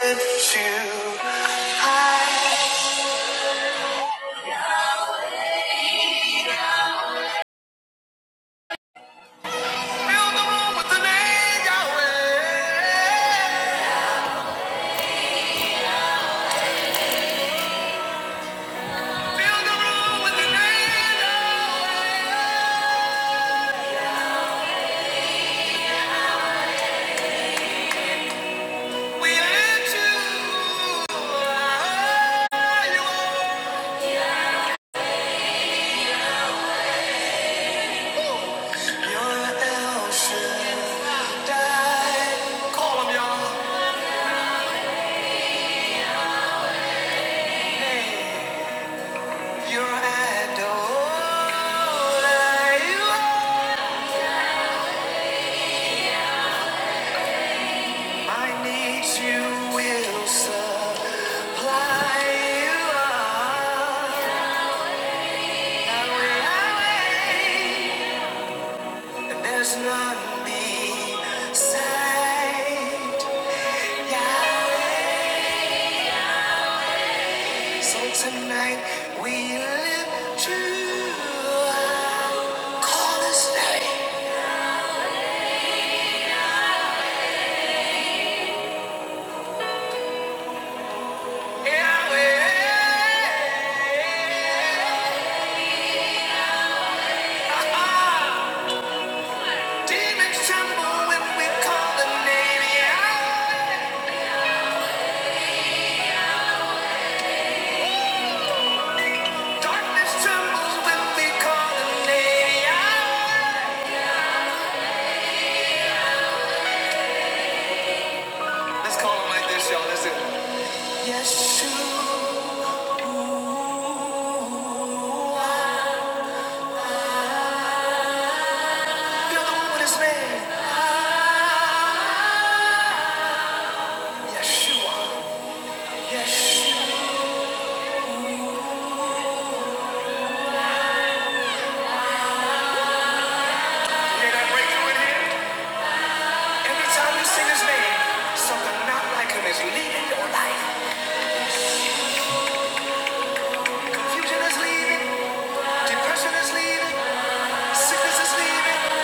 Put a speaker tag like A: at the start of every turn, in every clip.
A: Lift you high. Fill the room with the name Yahweh. Fill the room with the name Yahweh. We lift you high. You are- You're El Shaddai. Call him, y'all. You're Adonai. You are- My needs you will supply. You are There's none beside Yahweh. So tonight we live true. Call his name. Yahweh. Ah-ah. Demons tremble when we call the name Yahweh. Darkness trembles when we call the name Yahweh. Let's call him like this, y'all. Listen. Yeshua. You're the one with his name. Yeshua. Yes, Did I break through in here? Every time you sing his name, something not like him is leaving your life. Confusion is leaving, depression is leaving, sickness is leaving,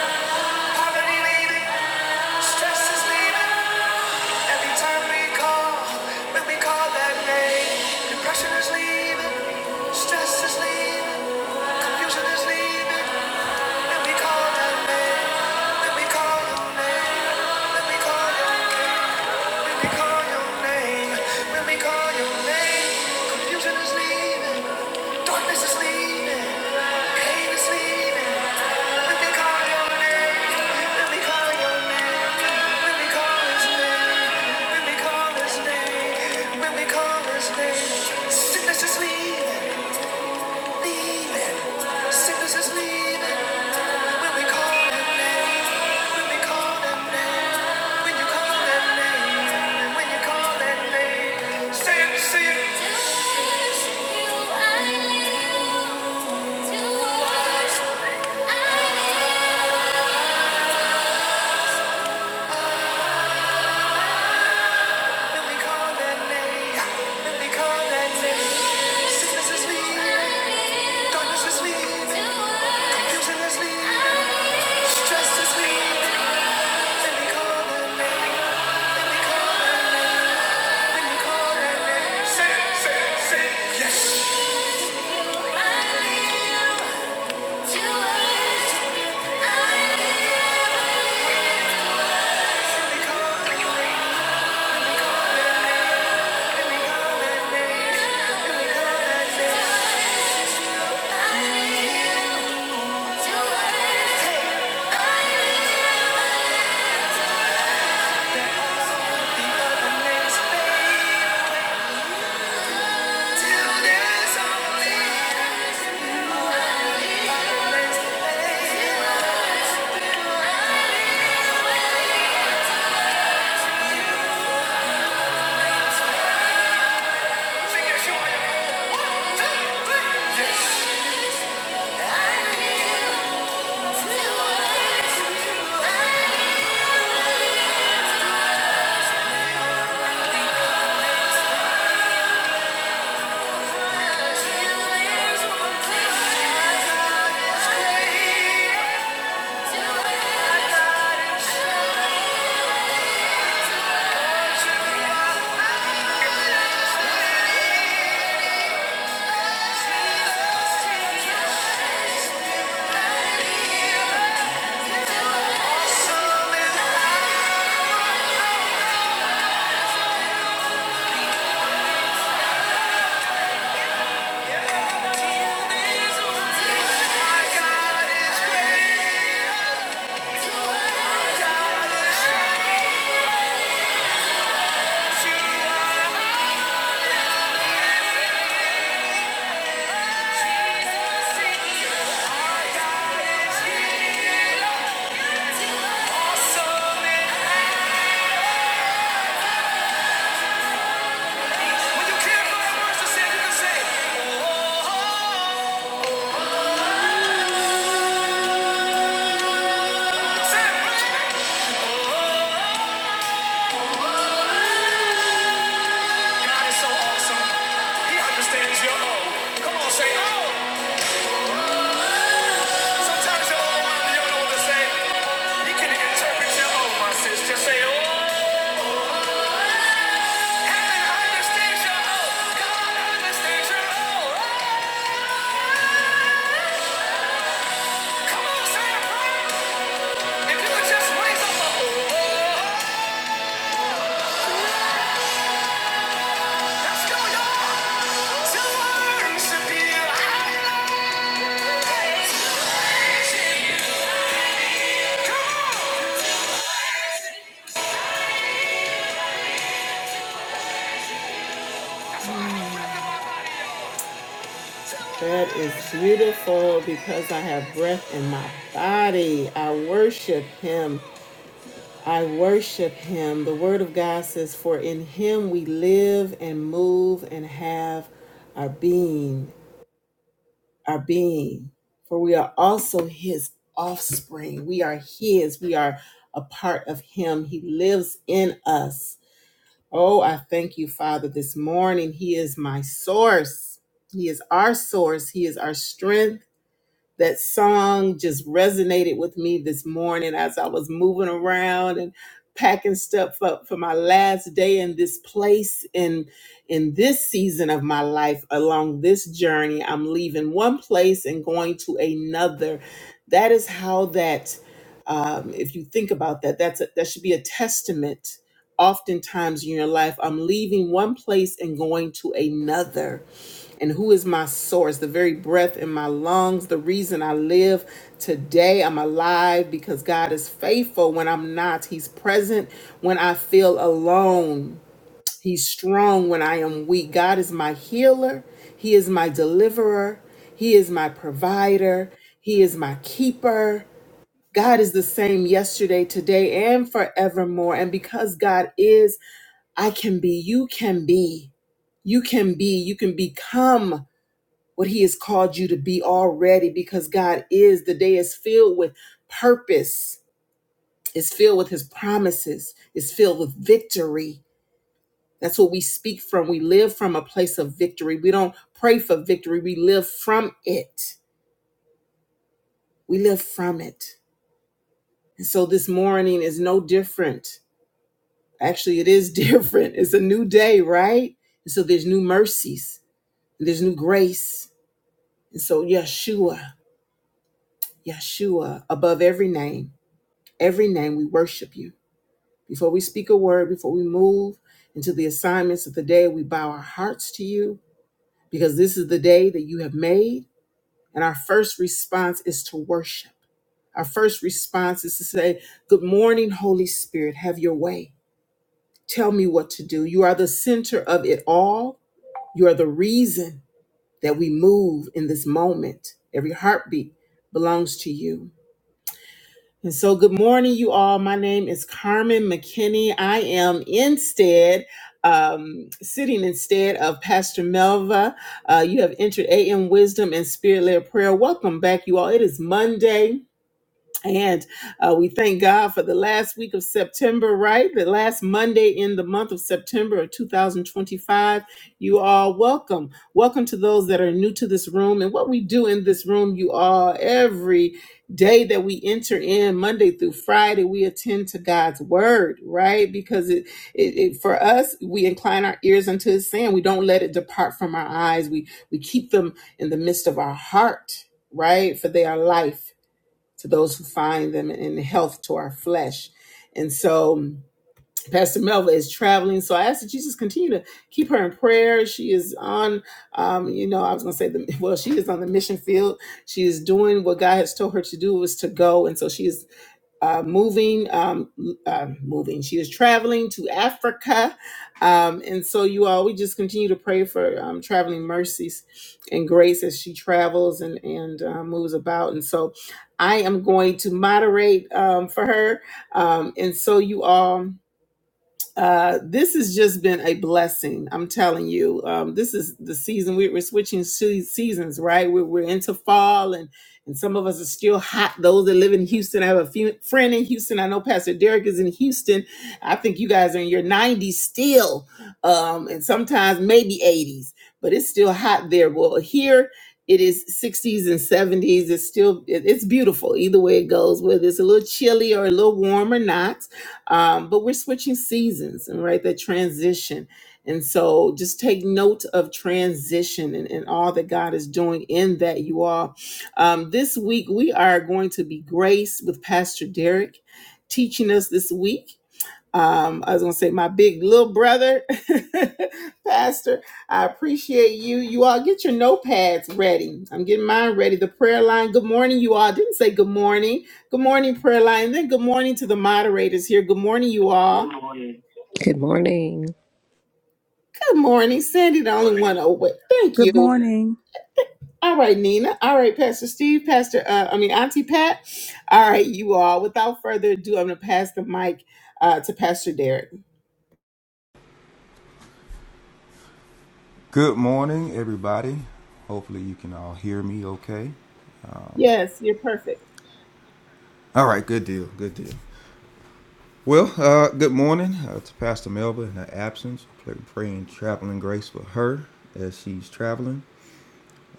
A: poverty leaving, stress is leaving. Every time we call, when we call that name, depression is leaving, stress is leaving, confusion is leaving. When we call that name, when we call your name, when we call your name. When they call your name, when they call your name, confusion is leaving, darkness is leaving, pain is leaving. When they call your name, when they call your name, when they call his name, when they call his name, when they call his name, sickness is leaving, leaving, sickness is leaving. Stress is leaving. Let me call that name. Let me call that name. Yes. Yes. Sometimes your own mind, you don't know what to say. He can interpret your own, my sis. Just say, oh. That is beautiful because I have breath in my body. I worship him. I worship him. The word of God says, For in him we live and move and have our being. our being, for we are also his offspring. We are his, we are a part of him. He lives in us. Oh, I thank you, Father, this morning. He is my source, he is our source, he is our strength that song just resonated with me this morning as I was moving around and packing stuff up for my last day in this place in in this season of my life along this journey I'm leaving one place and going to another that is how that um, if you think about that that's a, that should be a testament oftentimes in your life I'm leaving one place and going to another and who is my source, the very breath in my lungs, the reason I live today. I'm alive because God is faithful when I'm not. He's present when I feel alone. He's strong when I am weak. God is my healer. He is my deliverer. He is my provider. He is my keeper. God is the same yesterday, today, and forevermore. And because God is, I can be, you can be, you can be, you can become what he has called you to be already because God is the day is filled with purpose is filled with his promises is filled with victory that's what we speak from we live from a place of victory we don't pray for victory we live from it we live from it and so this morning is no different actually it is different it's a new day right and so there's new mercies and there's new grace and so yeshua yeshua above every name Every name we worship you. Before we speak a word, before we move into the assignments of the day, we bow our hearts to you because this is the day that you have made. And our first response is to worship. Our first response is to say, Good morning, Holy Spirit, have your way. Tell me what to do. You are the center of it all. You are the reason that we move in this moment. Every heartbeat belongs to you. And so, good morning, you all. My name is Carmen McKinney. I am instead, um, sitting instead of Pastor Melva. Uh, you have entered AM Wisdom and Spirit led Prayer. Welcome back, you all. It is Monday. And uh, we thank God for the last week of September, right? The last Monday in the month of September of 2025. You all welcome. Welcome to those that are new to this room. And what we do in this room, you all, every day that we enter in, Monday through Friday, we attend to God's word, right? Because it, it, it for us, we incline our ears unto his saying. We don't let it depart from our eyes. We we keep them in the midst of our heart, right? For they are life to those who find them, and health to our flesh. And so, Pastor Melva is traveling, so I ask that you just continue to keep her in prayer. She is on, um, you know, I was going to say the well, she is on the mission field. She is doing what God has told her to do was to go, and so she is uh, moving, um, uh, moving. She is traveling to Africa, um, and so you all, we just continue to pray for um, traveling mercies and grace as she travels and and uh, moves about. And so, I am going to moderate um, for her, um, and so you all. Uh, this has just been a blessing. I'm telling you. Um, this is the season we, we're switching se- seasons, right? We're, we're into fall, and and some of us are still hot. Those that live in Houston, I have a few, friend in Houston. I know Pastor Derek is in Houston. I think you guys are in your 90s still, um, and sometimes maybe 80s, but it's still hot there. Well, here it is 60s and 70s. It's still it- it's beautiful either way it goes, whether it's a little chilly or a little warm or not um, but we're switching seasons and right that transition. And so just take note of transition and, and all that God is doing in that you all. Um, this week we are going to be graced with Pastor Derek teaching us this week. Um, I was gonna say my big little brother, Pastor. I appreciate you. You all get your notepads ready. I'm getting mine ready. The prayer line. Good morning, you all. I didn't say good morning. Good morning, prayer line. And then good morning to the moderators here. Good morning, you all. Good morning.
B: Good morning.
A: Good morning, Sandy. The only one. Oh wait, thank
C: Good
A: you.
C: morning.
A: All right, Nina. All right, Pastor Steve. Pastor. Uh, I mean, Auntie Pat. All right, you all. Without further ado, I'm gonna pass the mic uh, to Pastor Derek.
D: Good morning, everybody. Hopefully, you can all hear me okay.
A: Yes, you're perfect.
D: All right, good deal, good deal. Well, uh, good morning uh, to Pastor Melba in her absence. praying traveling grace for her as she's traveling.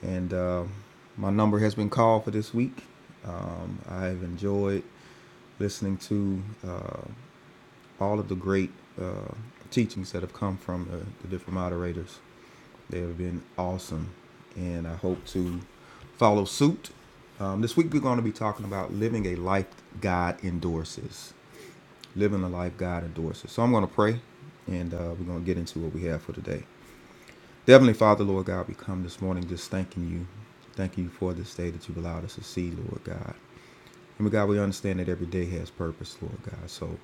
D: And um my number has been called for this week. Um, I've enjoyed listening to uh, all of the great uh, teachings that have come from the, the different moderators. They have been awesome, and I hope to follow suit. Um, this week we're going to be talking about living a life God endorses. Living a life God endorses. So I'm going to pray, and uh, we're going to get into what we have for today. Heavenly Father, Lord God, we come this morning just thanking you. Thank you for this day that you've allowed us to see, Lord God. And God, we understand that every day has purpose, Lord God. So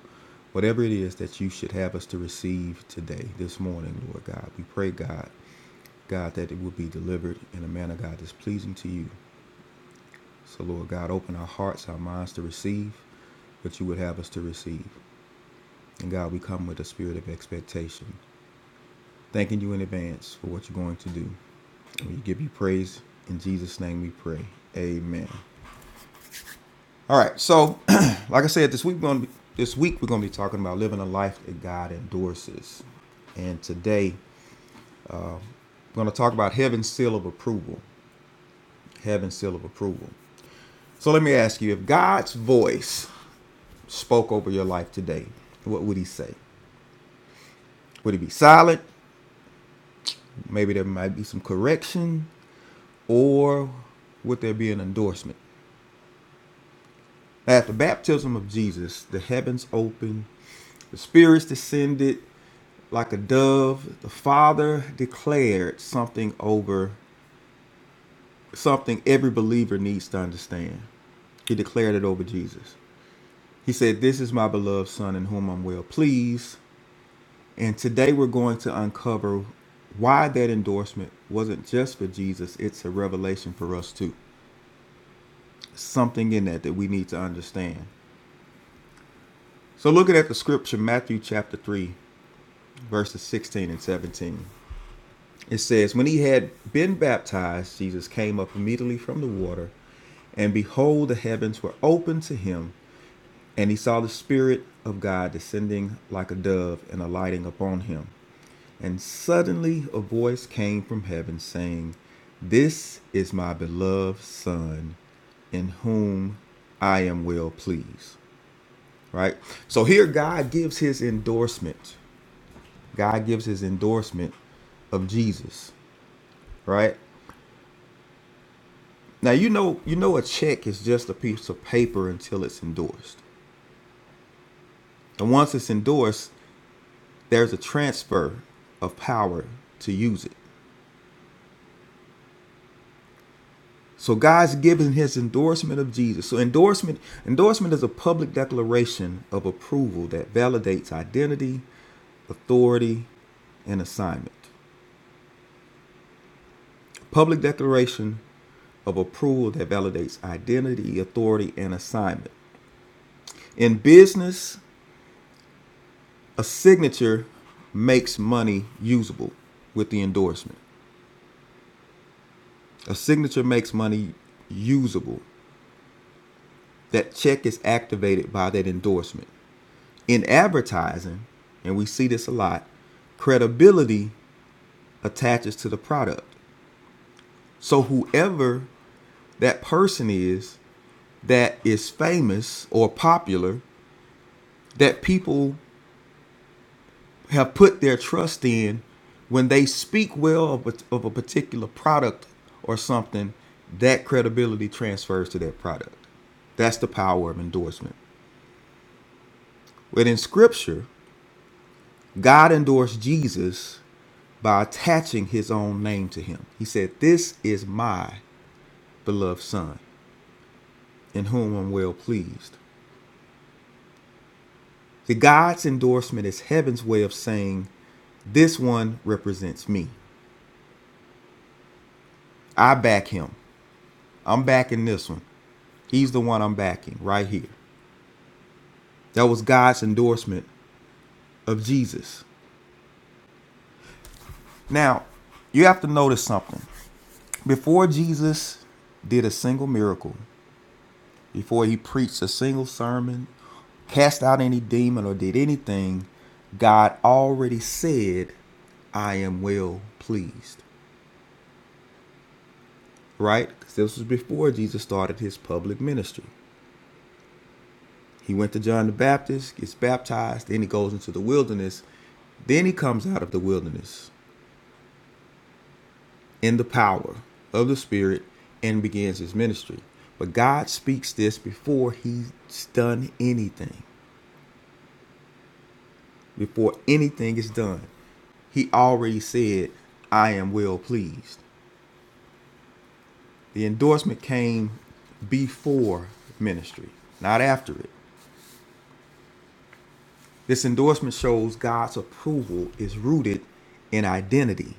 D: whatever it is that you should have us to receive today, this morning, Lord God, we pray, God, God, that it would be delivered in a manner, God, that's pleasing to you. So, Lord God, open our hearts, our minds to receive what you would have us to receive. And God, we come with a spirit of expectation, thanking you in advance for what you're going to do. And we give you praise. In Jesus' name we pray. Amen. All right. So, like I said, this week we're going to be, this week we're going to be talking about living a life that God endorses. And today we're going to talk about heaven's seal of approval. Heaven's seal of approval. So let me ask you if God's voice spoke over your life today, what would he say? Would it be silent? Maybe there might be some correction, or would there be an endorsement? At the baptism of Jesus, the heavens opened, the spirits descended like a dove. The Father declared something over something every believer needs to understand. He declared it over Jesus. He said, This is my beloved Son in whom I'm well pleased. And today we're going to uncover why that endorsement wasn't just for Jesus, it's a revelation for us too. Something in that that we need to understand. So, looking at the scripture, Matthew chapter 3, verses 16 and 17, it says, When he had been baptized, Jesus came up immediately from the water, and behold, the heavens were opened to him, and he saw the Spirit of God descending like a dove and alighting upon him. And suddenly a voice came from heaven saying, This is my beloved Son, in whom I am well pleased. Right? So here God gives his endorsement. God gives his endorsement of Jesus. Right? Now you know you know a check is just a piece of paper until it's endorsed. And once it's endorsed, there's a transfer of power to use it. So God's given his endorsement of Jesus. So endorsement endorsement is a public declaration of approval that validates identity, authority, and assignment. Public declaration of approval that validates identity, authority, and assignment. In business, a signature makes money usable with the endorsement. A signature makes money usable. That check is activated by that endorsement. In advertising, and we see this a lot, credibility attaches to the product. So whoever that person is that is famous or popular that people have put their trust in when they speak well of a, of a particular product or something, that credibility transfers to that product. That's the power of endorsement. But in scripture, God endorsed Jesus by attaching his own name to him. He said, This is my beloved Son, in whom I'm well pleased. The God's endorsement is heaven's way of saying, This one represents me. I back him. I'm backing this one. He's the one I'm backing right here. That was God's endorsement of Jesus. Now, you have to notice something. Before Jesus did a single miracle, before he preached a single sermon, cast out any demon, or did anything, God already said, I am well pleased. Right? Because this was before Jesus started his public ministry. He went to John the Baptist, gets baptized, then he goes into the wilderness. Then he comes out of the wilderness in the power of the Spirit and begins his ministry. But God speaks this before he's done anything. before anything is done. He already said, I am well pleased. The endorsement came before ministry, not after it. This endorsement shows God's approval is rooted in identity,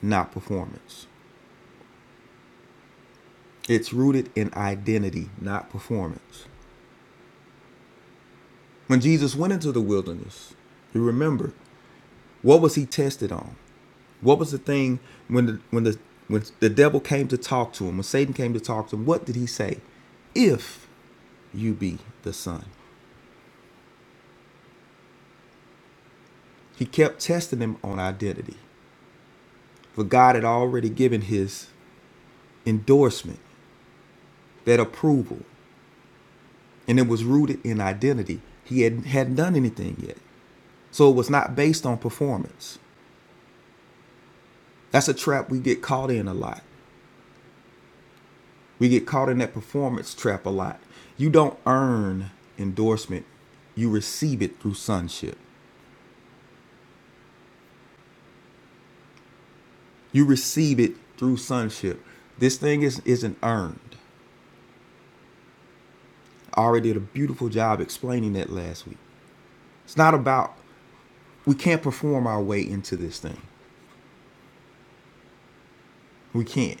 D: not performance. It's rooted in identity, not performance. When Jesus went into the wilderness, you remember, what was he tested on? What was the thing when the when the when the devil came to talk to him, when Satan came to talk to him, what did he say? If you be the son. He kept testing him on identity. For God had already given his endorsement, that approval, and it was rooted in identity. He had, hadn't done anything yet. So it was not based on performance. That's a trap we get caught in a lot. We get caught in that performance trap a lot. You don't earn endorsement, you receive it through sonship. You receive it through sonship. This thing is isn't earned. I already did a beautiful job explaining that last week. It's not about we can't perform our way into this thing. We can't.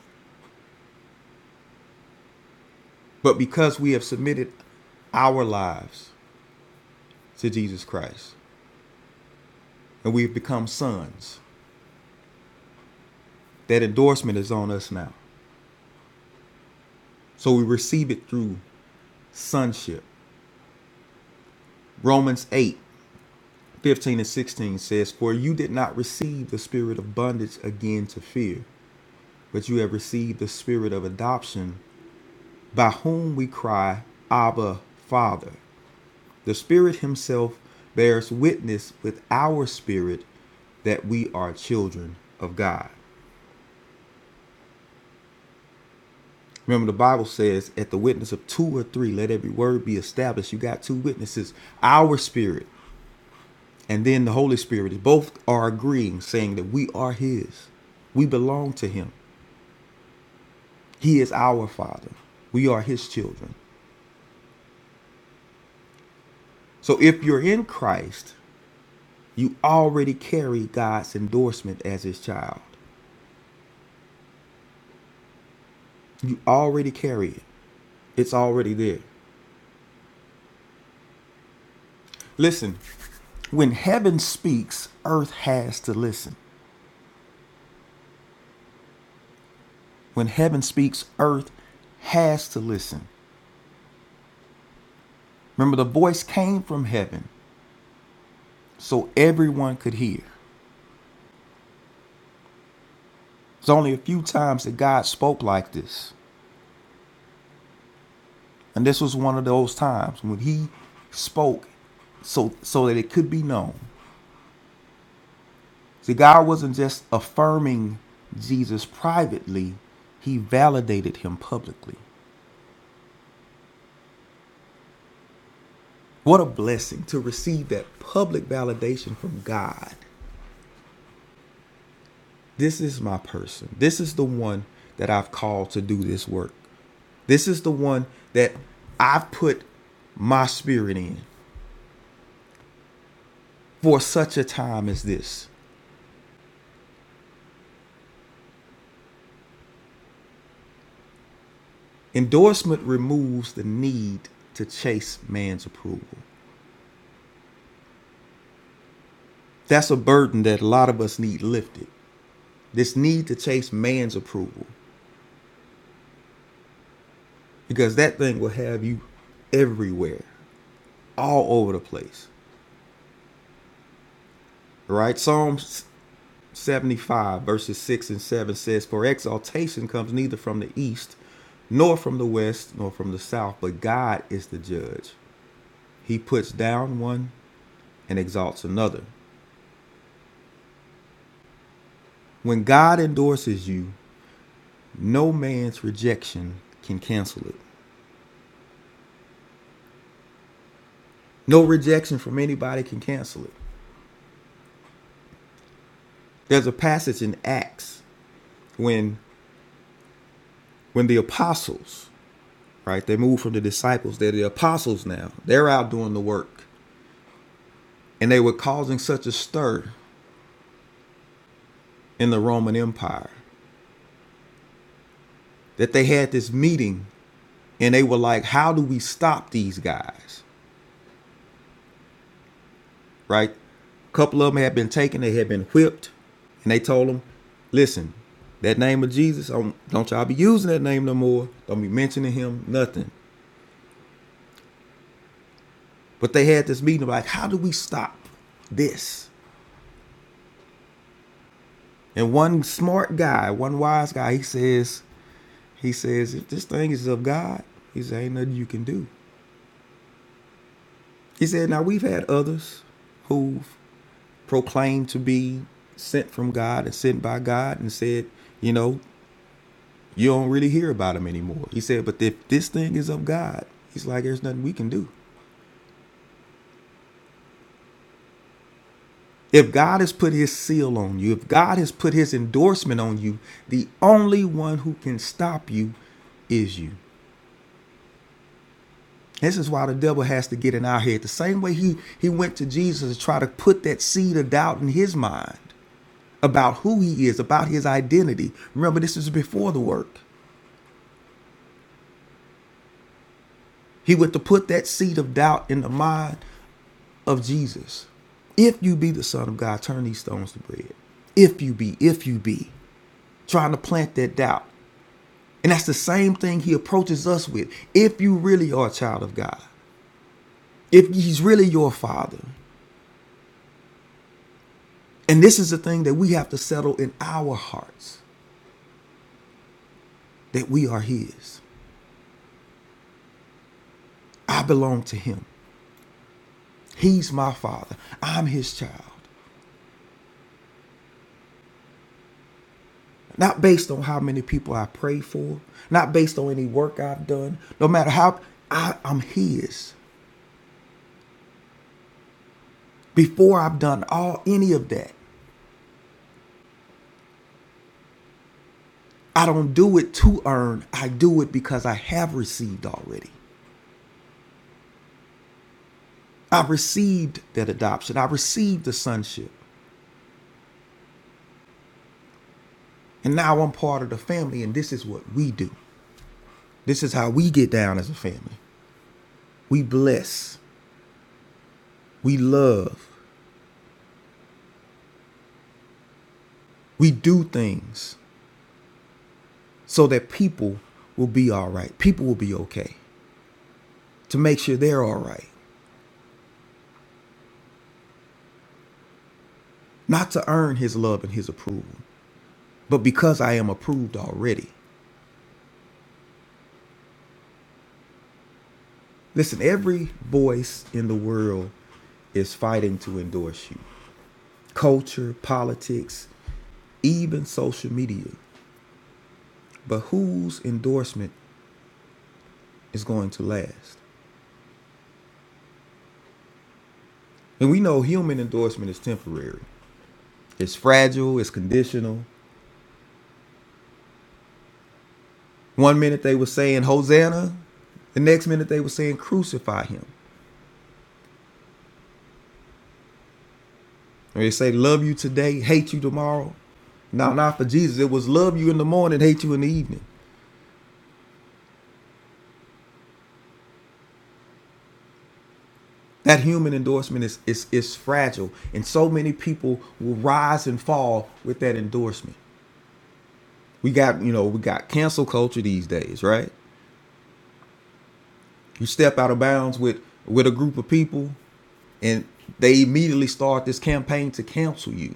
D: But because we have submitted our lives to Jesus Christ and we've become sons, that endorsement is on us now. So we receive it through sonship. Romans 8 15 and 16 says, For you did not receive the spirit of bondage again to fear but you have received the spirit of adoption, by whom we cry, Abba, Father. The Spirit Himself bears witness with our spirit that we are children of God. Remember, the Bible says, at the witness of two or three, let every word be established. You got two witnesses, our spirit and then the Holy Spirit. Both are agreeing, saying that we are His. We belong to Him. He is our Father. We are His children. So if you're in Christ, You already carry God's endorsement as his child. You already carry it. It's already there. Listen, when heaven speaks, earth has to listen. When heaven speaks, earth has to listen. Remember, the voice came from heaven so everyone could hear. It's only a few times that God spoke like this. And this was one of those times when he spoke so so that it could be known. See, God wasn't just affirming Jesus privately, He validated Him publicly. What a blessing to receive that public validation from God. This is my person. This is the one that I've called to do this work. This is the one that I've put my spirit in for such a time as this. Endorsement removes the need to chase man's approval. That's a burden that a lot of us need lifted. This need to chase man's approval because that thing will have you everywhere, all over the place. Right? Psalms 75, verses 6 and 7 says, For exaltation comes neither from the east, nor from the west, nor from the south, but God is the judge. He puts down one and exalts another. When God endorses you, no man's rejection can cancel it. No rejection from anybody can cancel it. There's a passage in Acts when when the apostles, right, they moved from the disciples, they're the apostles now. They're out doing the work. And they were causing such a stir in the Roman Empire that they had this meeting and they were like, how do we stop these guys, right? A couple of them had been taken, they had been whipped, and they told them, listen, that name of Jesus, don't, y'all be using that name no more. Don't be mentioning him, nothing. But they had this meeting like, how do we stop this? And one smart guy, one wise guy, he says, he says, if this thing is of God, he said, ain't nothing you can do. He said, now we've had others who've proclaimed to be sent from God and sent by God and said, you know, you don't really hear about them anymore. He said, but if this thing is of God, he's like, there's nothing we can do. If God has put his seal on you, if God has put his endorsement on you, the only one who can stop you is you. This is why the devil has to get in our head. The same way he he went to Jesus to try to put that seed of doubt in his mind about who he is, about his identity. Remember, this is before the work. He went to put that seed of doubt in the mind of Jesus. If you be the Son of God, turn these stones to bread. If you be, if you be, trying to plant that doubt. And that's the same thing he approaches us with. If you really are a child of God, if he's really your father, And this is the thing that we have to settle in our hearts that we are His. I belong to Him. He's my Father. I'm His child. Not based on how many people I pray for, not based on any work I've done, no matter how I, I'm His. Before I've done all any of that, I don't do it to earn. I do it because I have received already. I received that adoption, I received the sonship. And now I'm part of the family, and this is what we do. This is how we get down as a family. We bless, we love, we do things so that people will be all right. People will be okay to make sure they're all right. Not to earn his love and his approval, but because I am approved already. Listen, every voice in the world is fighting to endorse you. Culture, politics, even social media. But whose endorsement is going to last? And we know human endorsement is temporary. It's fragile, it's conditional. One minute they were saying Hosanna, the next minute they were saying crucify him. Or they say love you today, hate you tomorrow. No, not for Jesus. It was love you in the morning, hate you in the evening. That human endorsement is is is fragile. And so many people will rise and fall with that endorsement. We got, you know, we got cancel culture these days, right? You step out of bounds with with a group of people and they immediately start this campaign to cancel you.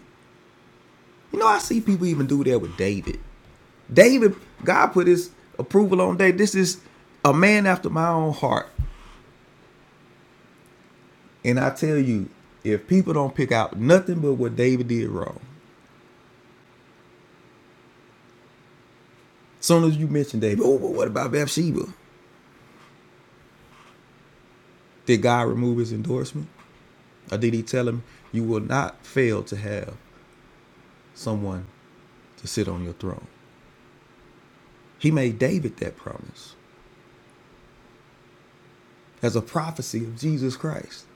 D: You know, I see people even do that with David. David, God put his approval on David. This is a man after my own heart. And I tell you, if people don't pick out nothing but what David did wrong, as soon as you mention David, oh, but what about Bathsheba? Did God remove his endorsement? Or did he tell him, you will not fail to have someone to sit on your throne? He made David that promise as a prophecy of Jesus Christ.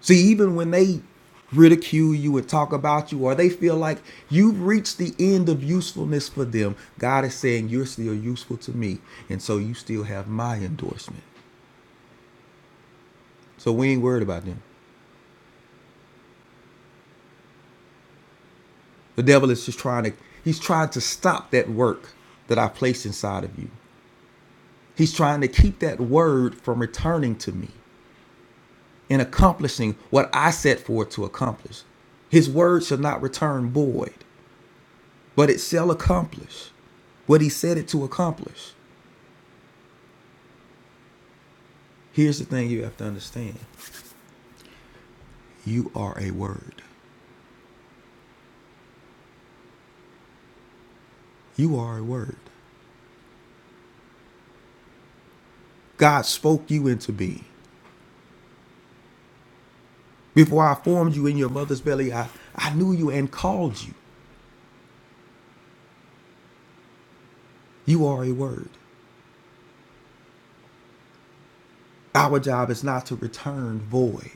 D: See, even when they ridicule you and talk about you, or they feel like you've reached the end of usefulness for them, God is saying, You're still useful to me. And so you still have my endorsement. So we ain't worried about them. The devil is just trying to, he's trying to stop that work that I placed inside of you. He's trying to keep that word from returning to me and accomplishing what I set forth to accomplish. His word shall not return void. but it shall accomplish what he said it to accomplish. Here's the thing you have to understand you are a word. You are a word. God spoke you into being. Before I formed you in your mother's belly, I, I knew you and called you. You are a word. Our job is not to return void.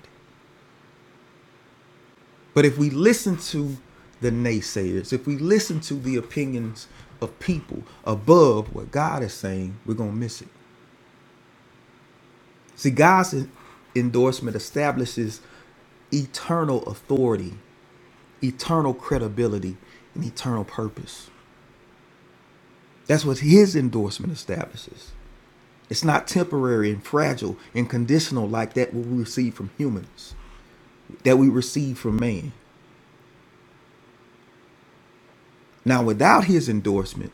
D: But if we listen to the naysayers, if we listen to the opinions of people above what God is saying, we're going to miss it. See, God's endorsement establishes eternal authority, eternal credibility, and eternal purpose. That's what his endorsement establishes. It's not temporary and fragile and conditional like that what we receive from humans, that we receive from man. Now, without his endorsement,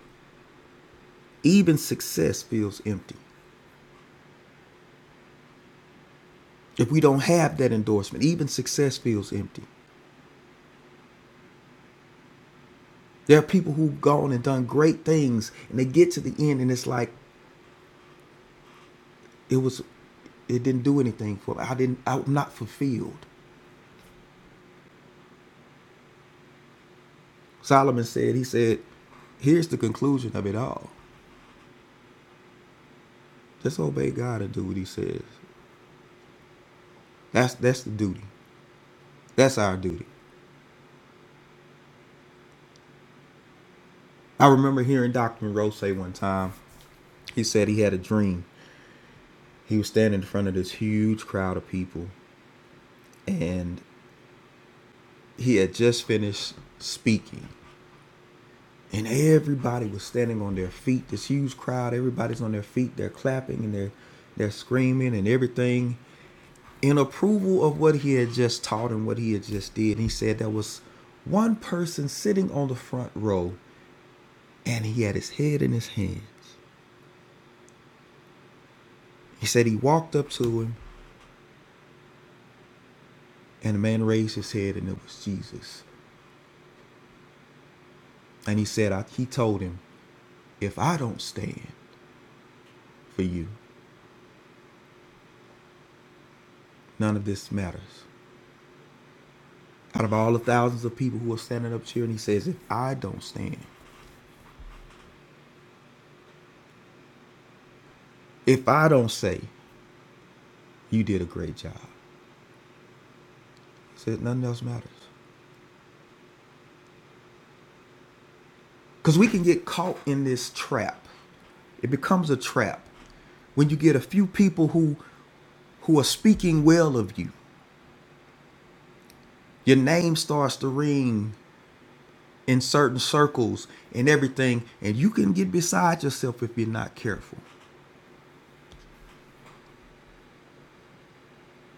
D: even success feels empty. If we don't have that endorsement, even success feels empty. There are people who've gone and done great things and they get to the end and it's like it was it didn't do anything for me. I didn't I'm not fulfilled. Solomon said, he said, here's the conclusion of it all. Just obey God and do what he says. That's that's the duty. That's our duty. I remember hearing Dr. Monroe say one time, he said he had a dream. He was standing in front of this huge crowd of people and he had just finished speaking. And everybody was standing on their feet. This huge crowd, everybody's on their feet. They're clapping and they're they're screaming and everything. in approval of what he had just taught and what he had just did. And he said there was one person sitting on the front row and he had his head in his hands. He said he walked up to him and the man raised his head and it was Jesus. And he said, I, He told him, if I don't stand for you, none of this matters. Out of all the thousands of people who are standing up cheering, he says, if I don't stand, if I don't say you did a great job, he said, nothing else matters. Because we can get caught in this trap. It becomes a trap when you get a few people who who are speaking well of you. Your name starts to ring in certain circles and everything, and you can get beside yourself if you're not careful.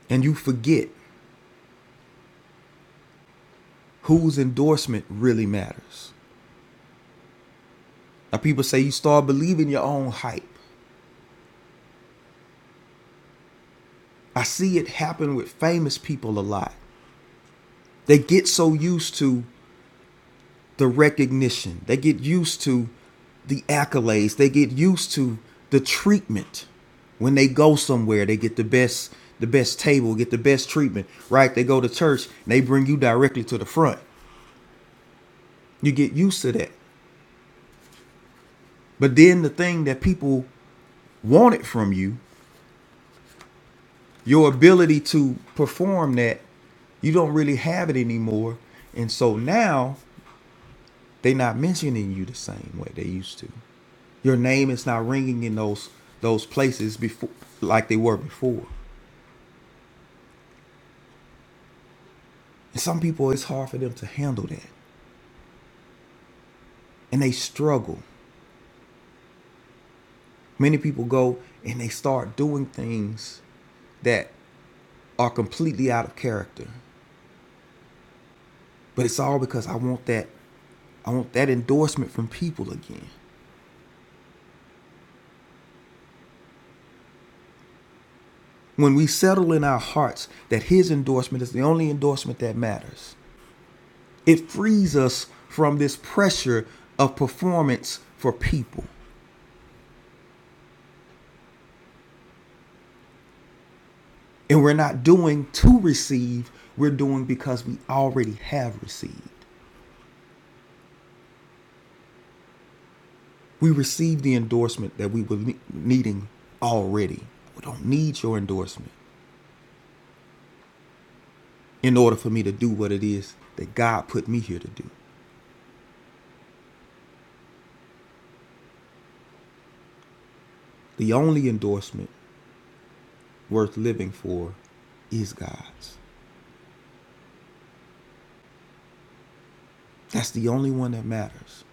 D: And you forget whose endorsement really matters. Now people say you start believing your own hype. I see it happen with famous people a lot. They get so used to the recognition. They get used to the accolades. They get used to the treatment. When they go somewhere, they get the best the best table, get the best treatment, right? They go to church, and they bring you directly to the front. You get used to that. But then the thing that people wanted from you, your ability to perform that, you don't really have it anymore. And so now they're not mentioning you the same way they used to. Your name is not ringing in those those places before like they were before. And some people it's hard for them to handle that. And they struggle. Many people go and they start doing things that are completely out of character. But it's all because I want that I want that endorsement from people again. When we settle in our hearts that his endorsement is the only endorsement that matters, it frees us from this pressure of performance for people. And we're not doing to receive, we're doing because we already have received. We received the endorsement that we were needing already. We don't need your endorsement in order for me to do what it is that God put me here to do. The only endorsement worth living for is God's. That's the only one that matters.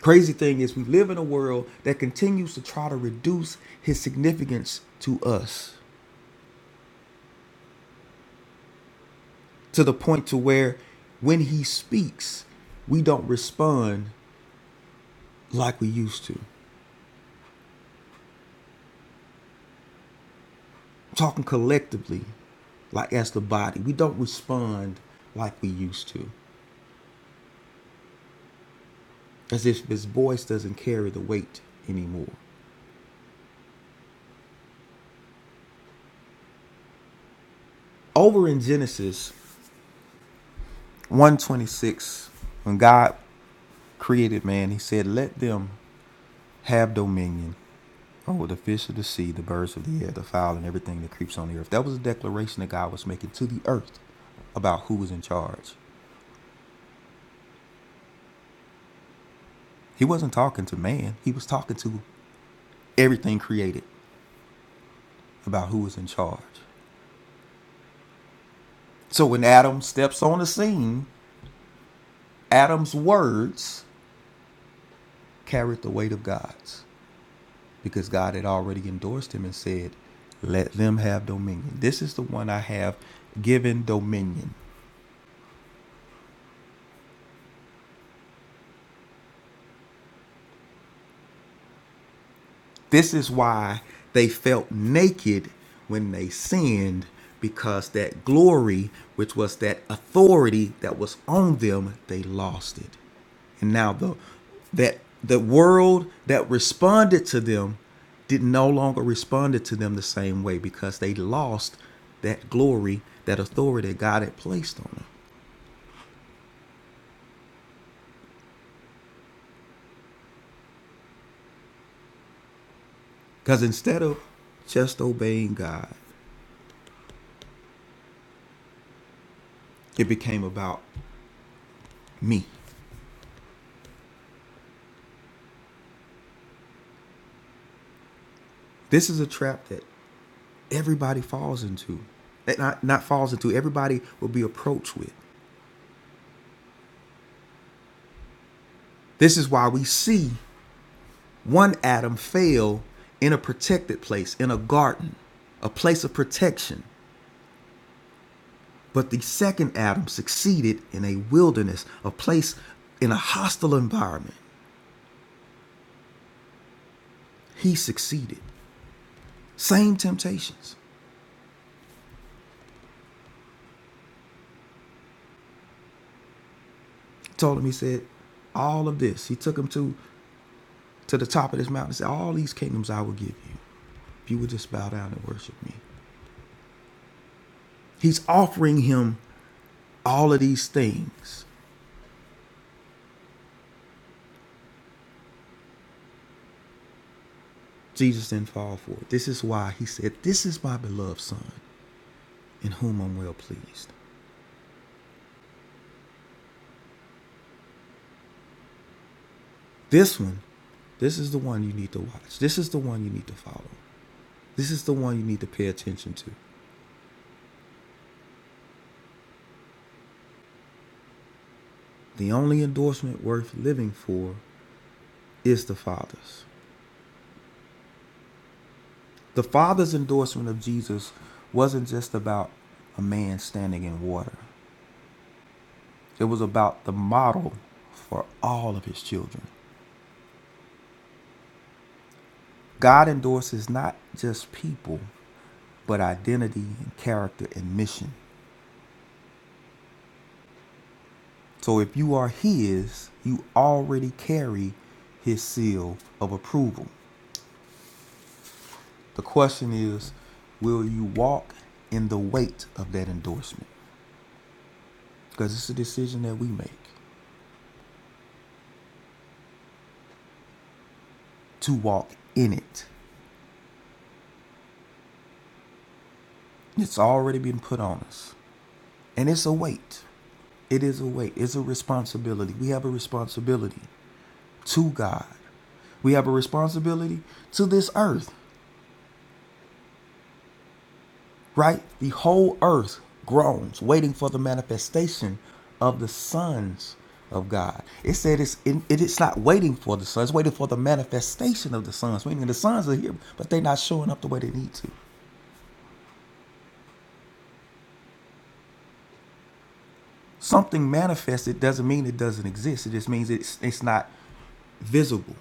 D: Crazy thing is, we live in a world that continues to try to reduce his significance to us. to the point to where when he speaks, we don't respond like we used to. I'm talking collectively, like as the body, we don't respond like we used to, as if his voice doesn't carry the weight anymore. Over in Genesis 126, when God created man, he said, Let them have dominion over the fish of the sea, the birds of the air, the fowl, and everything that creeps on the earth. That was a declaration that God was making to the earth about who was in charge. He wasn't talking to man, he was talking to everything created about who was in charge. So when Adam steps on the scene, Adam's words carried the weight of God's because God had already endorsed him and said, Let them have dominion. This is the one I have given dominion. This is why they felt naked when they sinned, because that glory, which was that authority that was on them, they lost it. And now the that the world that responded to them did no longer responded to them the same way because they lost that glory, that authority that God had placed on them. Because instead of just obeying God, it became about me. This is a trap that. everybody falls into. eh, Not, not falls into, everybody will be approached with. This is why we see one Adam fail in a protected place, in a garden, a place of protection. But the second Adam succeeded in a wilderness, a place in a hostile environment. He succeeded. Same temptations. He told him, he said, all of this. He took him to, to the top of this mountain and said, All these kingdoms I will give you if you would just bow down and worship me. He's offering him All of these things Jesus didn't fall for. This is why he said, This is my beloved son in whom I'm well pleased. This one, this is the one you need to watch. This is the one you need to follow. This is the one you need to pay attention to. The only endorsement worth living for is the Father's. The Father's endorsement of Jesus wasn't just about a man standing in water, it was about the model for all of his children. God endorses not just people, but identity and character and mission. So if you are His, you already carry His seal of approval. The question is, will you walk in the weight of that endorsement? Because it's a decision that we make to walk in it. It's already been put on us, and it's a weight. It is a weight, it's a responsibility. We have a responsibility to God, we have a responsibility to this earth. right? The whole earth groans, waiting for the manifestation of the sons of God. It said it's in, it is not waiting for the sons, it's waiting for the manifestation of the sons. Meaning the sons are here, but they're not showing up the way they need to. Something manifested doesn't mean it doesn't exist. It just means it's it's not visible.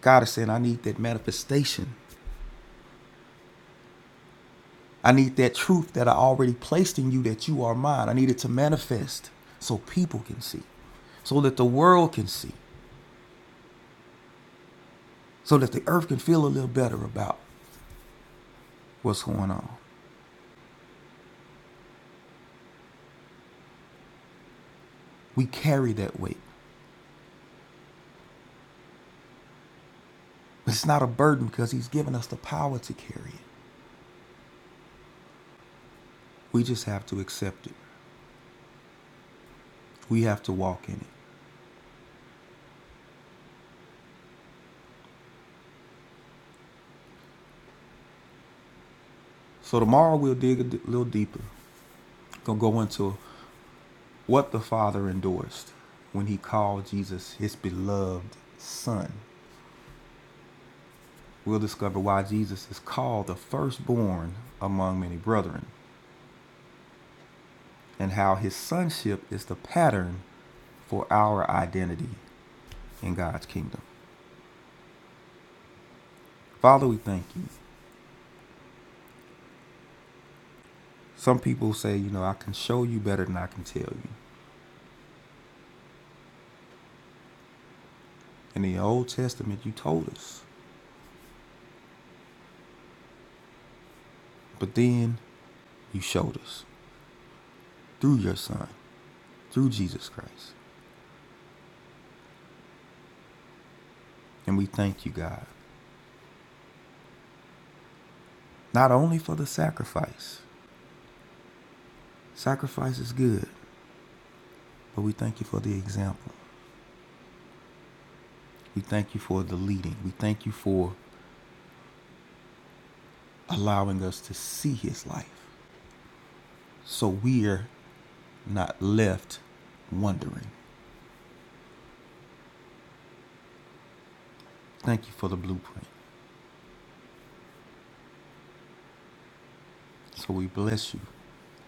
D: God is saying, I need that manifestation. I need that truth that I already placed in you that you are mine. I need it to manifest so people can see, so that the world can see. so that the earth can feel a little better about what's going on. We carry that weight. It's not a burden because he's given us the power to carry it. We just have to accept it. We have to walk in it. So tomorrow we'll dig a d- little deeper. Gonna go into what the Father endorsed when he called Jesus his beloved son. We'll discover why Jesus is called the firstborn among many brethren and how his sonship is the pattern for our identity in God's kingdom. Father, we thank you. Some people say, you know, I can show you better than I can tell you. In the Old Testament, you told us, but then you showed us through your Son, through Jesus Christ. And we thank you, God, not only for the sacrifice, sacrifice is good, but we thank you for the example. We thank you for the leading. We thank you for allowing us to see his life so we're not left wondering. Thank you for the blueprint. So we bless you.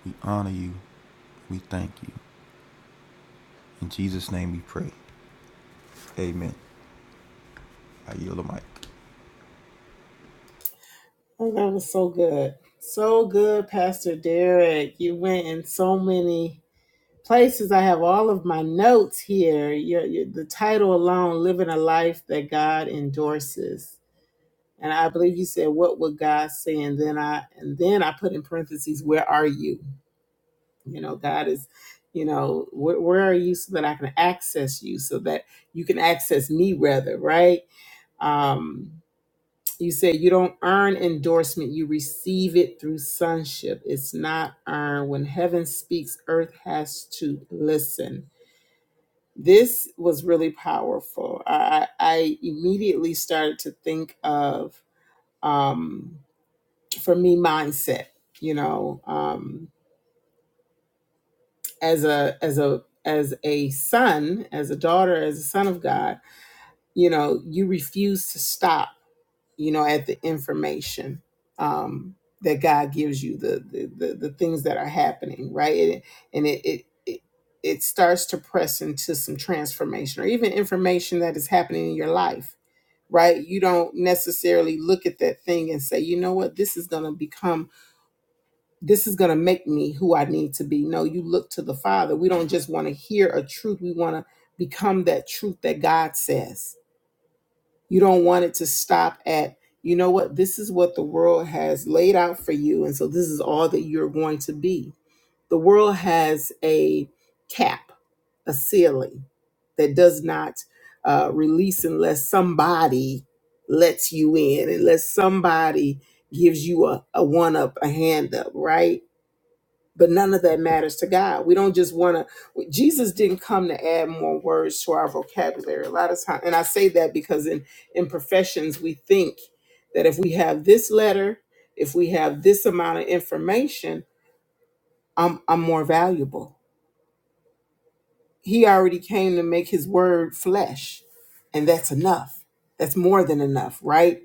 D: We honor you. We thank you. In Jesus' name we pray. Amen. I yield the mic.
A: Oh, that was so good. So good, Pastor Derek. You went in so many places. I have all of my notes here. Your, your, the title alone, Living a Life That God Endorses. And I believe you said, What would God say? And then I and then I put in parentheses, Where are you? You know, God is, you know, where, where are you so that I can access you, so that you can access me rather, right? Um, you said you don't earn endorsement, you receive it through sonship. It's not earned. When heaven speaks, earth has to listen. This was really powerful. I, I immediately started to think of, um, for me, mindset. You know, um, as a as a as a son, as a daughter, as a son of God, you know, you refuse to stop you know, at the information um, that God gives you, the, the the the things that are happening, right? It, and it, it it it starts to press into some transformation, or even information that is happening in your life, right? You don't necessarily look at that thing and say, you know what, this is going to become, this is going to make me who I need to be. No, you look to the Father. We don't just want to hear a truth; we want to become that truth that God says you don't want it to stop at, you know what, this is what the world has laid out for you. And so this is all that you're going to be. The world has a cap, a ceiling that does not uh, release unless somebody lets you in, unless somebody gives you a, a one up, a hand up, right? but none of that matters to God. We don't just want to. Jesus didn't come to add more words to our vocabulary. A lot of times, and I say that because in in professions we think that if we have this letter, if we have this amount of information, I'm I'm more valuable. He already came to make His word flesh, and that's enough. That's more than enough, right?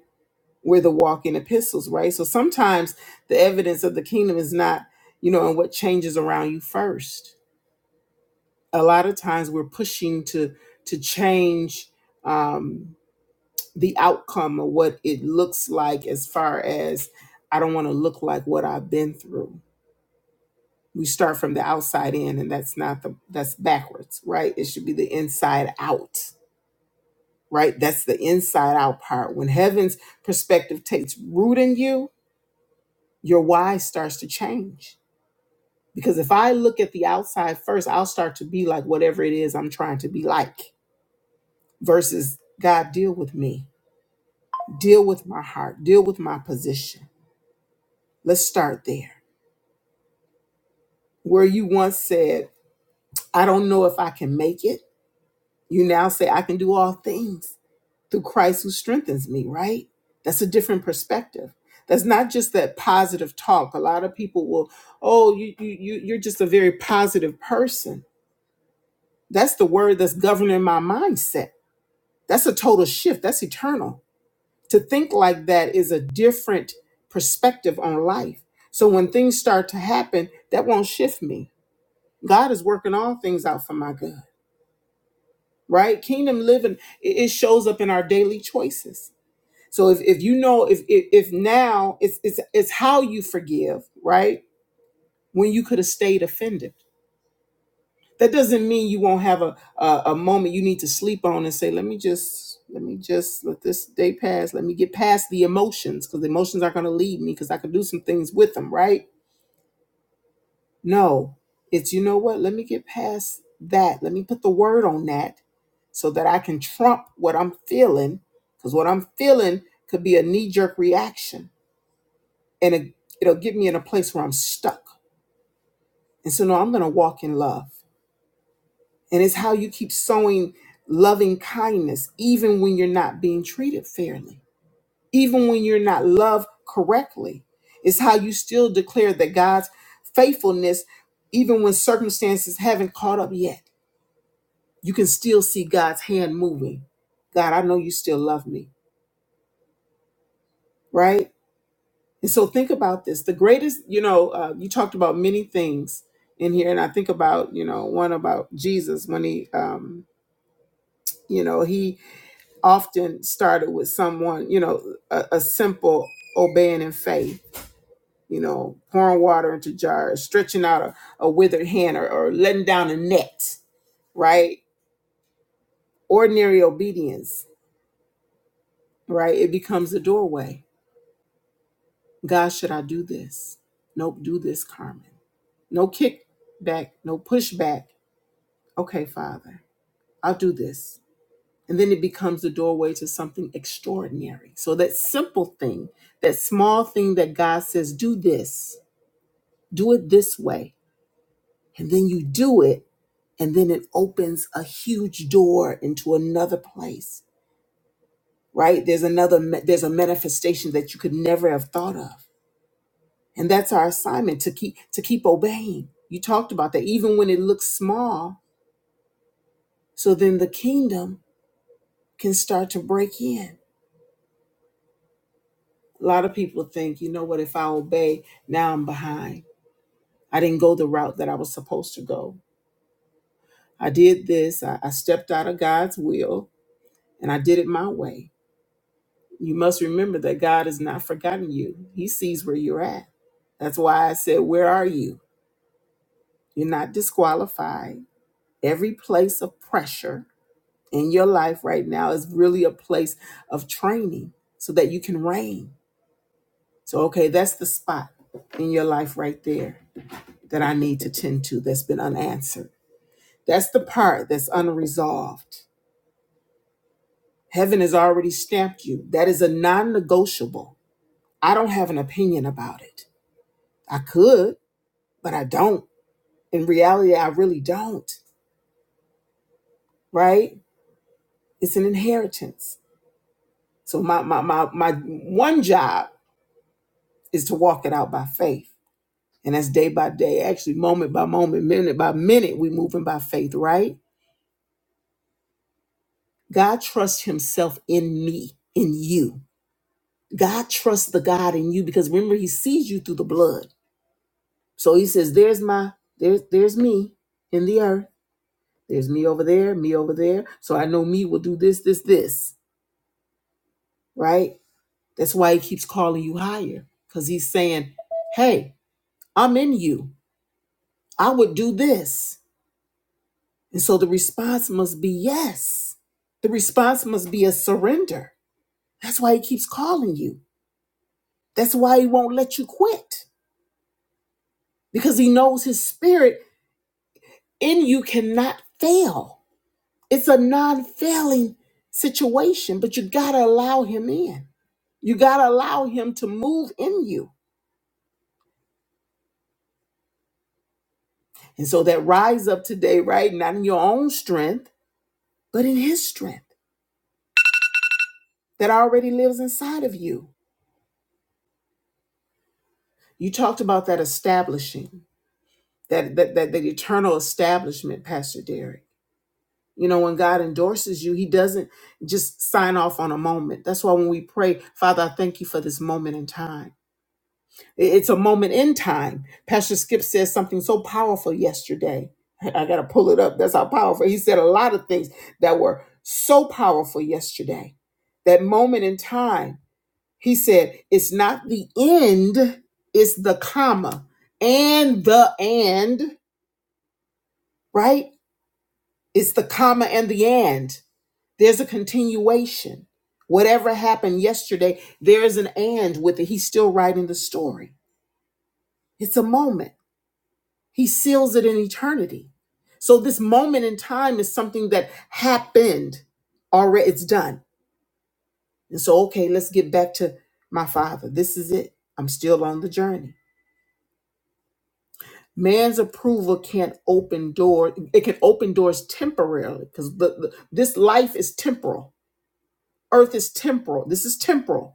A: We're the walking epistles, right? So sometimes the evidence of the kingdom is not, you know, in what changes around you first a lot of times we're pushing to to change um, the outcome of what it looks like as far as i don't want to look like what i've been through we start from the outside in and that's not the that's backwards right it should be the inside out right that's the inside out part when heaven's perspective takes root in you your why starts to change because if i look at the outside first i'll start to be like whatever it is i'm trying to be like versus God, deal with me, deal with my heart, deal with my position. Let's start there. Where you once said, I don't know if I can make it, you now say, I can do all things through Christ who strengthens me, right? That's a different perspective. That's not just that positive talk. A lot of people will, oh, you, you, you- you're just a very positive person. That's the word that's governing my mindset. That's a total shift. That's eternal. To think like that is a different perspective on life. So when things start to happen, that won't shift me. God is working all things out for my good, right? Kingdom living, it it shows up in our daily choices. So if, if you know if, if if now it's it's it's how you forgive, right? When you could have stayed offended That doesn't mean you won't have a, a a moment you need to sleep on and say, let me just let me just let this day pass. Let me get past the emotions because the emotions are going to lead me because I could do some things with them, right? No, it's you know what? Let me get past that. Let me put the word on that so that I can trump what I'm feeling because what I'm feeling could be a knee jerk reaction and it, it'll get me in a place where I'm stuck. And so, no, I'm going to walk in love. And it's how you keep sowing loving kindness, even when you're not being treated fairly, even when you're not loved correctly. It's how you still declare that God's faithfulness, even when circumstances haven't caught up yet. You can still see God's hand moving. God, I know you still love me, right? And so think about this. The greatest, you know, uh, you talked about many things in here, and I think about, you know, one about Jesus when he, um, you know, he often started with someone, you know, a, a simple obeying in faith, you know, pouring water into jars, stretching out a, a withered hand or, or letting down a net, right? Ordinary obedience, right? It becomes a doorway. God, should I do this? Nope, do this, Carmen. No kickback, no pushback. Okay, Father, I'll do this And then it becomes the doorway to something extraordinary. So that simple thing, that small thing that God says, do this, do it this way. And then you do it, and then it opens a huge door into another place, right? There's another there's a manifestation that you could never have thought of. And that's our assignment to keep to keep obeying. You talked about that even when it looks small, so then the kingdom can start to break in. A lot of people think, you know what, if I obey, now I'm behind. I didn't go the route that I was supposed to go. I did this, I, I stepped out of God's will, and I did it my way. You must remember that God has not forgotten you, He sees where you're at. That's why I said, Where are you? You're not disqualified. Every place of pressure in your life right now is really a place of training so that you can reign. So, okay, that's the spot in your life right there. that I need to tend to that's been unanswered. That's the part that's unresolved. Heaven has already stamped you. That is a non negotiable. I don't have an opinion about it. I could, but I don't. In reality, I really don't, right? It's an inheritance. So, my, my, my, my one job is to walk it out by faith. And that's day by day, actually, moment by moment, minute by minute, we moving by faith, right? God trusts himself in me, in you. God trusts the God in you because remember he sees you through the blood. So he says, There's my there's there's me in the earth. There's me over there, me over there. So I know me will do this, this, this. Right? That's why he keeps calling you higher. Because he's saying, Hey, I'm in you. I would do this. And so the response must be yes. The response must be a surrender. That's why he keeps calling you. That's why he won't let you quit because he knows his spirit In you cannot fail. It's a non failing situation, but you got to allow Him in. You got to allow Him to move in you. And so that rise up today, right? Not in your own strength, but in His strength that already lives inside of you. You talked about that establishing, that, that, that, that eternal establishment, Pastor Derek. You know, when God endorses you, He doesn't just sign off on a moment. That's why when we pray, Father, I thank you for this moment in time. It's a moment in time. Pastor Skip said something so powerful yesterday. I got to pull it up. That's how powerful. He said a lot of things that were so powerful yesterday. That moment in time, he said, it's not the end, it's the comma and the and, right? It's the comma and the and. There's a continuation. Whatever happened yesterday, there is an and with it. He's still writing the story. It's a moment. He seals it in eternity. So this moment in time is something that happened already. It's done. And so, okay, let's get back to my father. This is it. I'm still on the journey. Man's approval can't open door. It can open doors temporarily because the, the- this life is temporal. Earth is temporal. This is temporal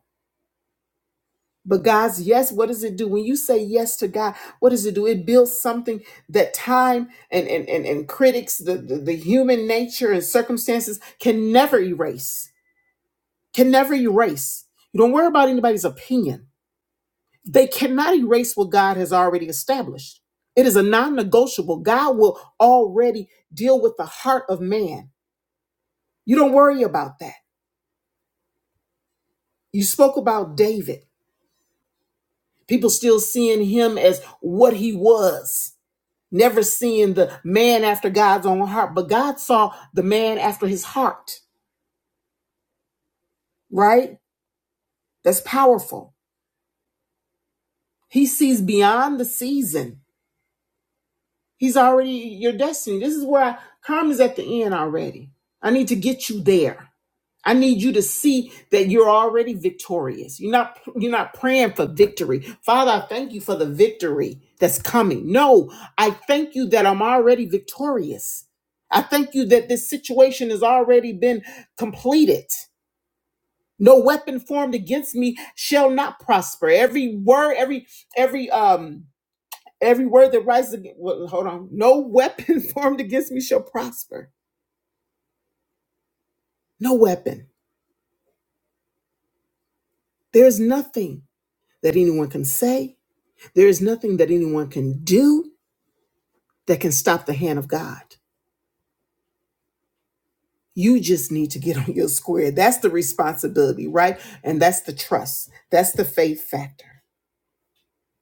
A: But God's yes, what does it do? When you say yes to God, what does it do? It builds something that time and and and, and critics, the, the the human nature and circumstances can never erase. Can never erase. You don't worry about anybody's opinion. They cannot erase what God has already established. It is a non-negotiable. God will already deal with the heart of man. You don't worry about that. You spoke about David. People still seeing him as what he was never seeing the man after God's own heart, but God saw the man after his heart, right? That's powerful. He sees beyond the season. He's already your destiny. This is where I, karma's at the end already. I need to get you there. I need you to see that you're already victorious. You're not you're not praying for victory. Father, I thank you for the victory that's coming. No, I thank you that I'm already victorious. I thank you that this situation has already been completed. No weapon formed against me shall not prosper. Every word, every every um Every word that rises against, well, hold on, no weapon formed against me shall prosper. No weapon. There is nothing that anyone can say. There is nothing that anyone can do that can stop the hand of God. You just need to get on your square. That's the responsibility, right? And that's the trust. That's the faith factor.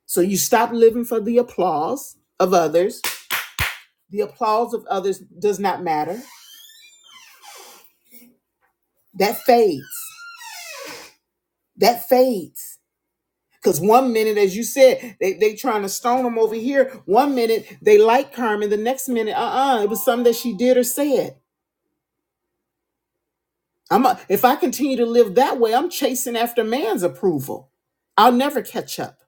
A: So you stop living for the applause of others. The applause of others does not matter. That fades. That fades. Because one minute, as you said, they they trying to stone him over here. One minute they like Carmen, the next minute, uh-uh, it was something that she did or said. I'm a, if I continue to live that way, I'm chasing after man's approval. I'll never catch up.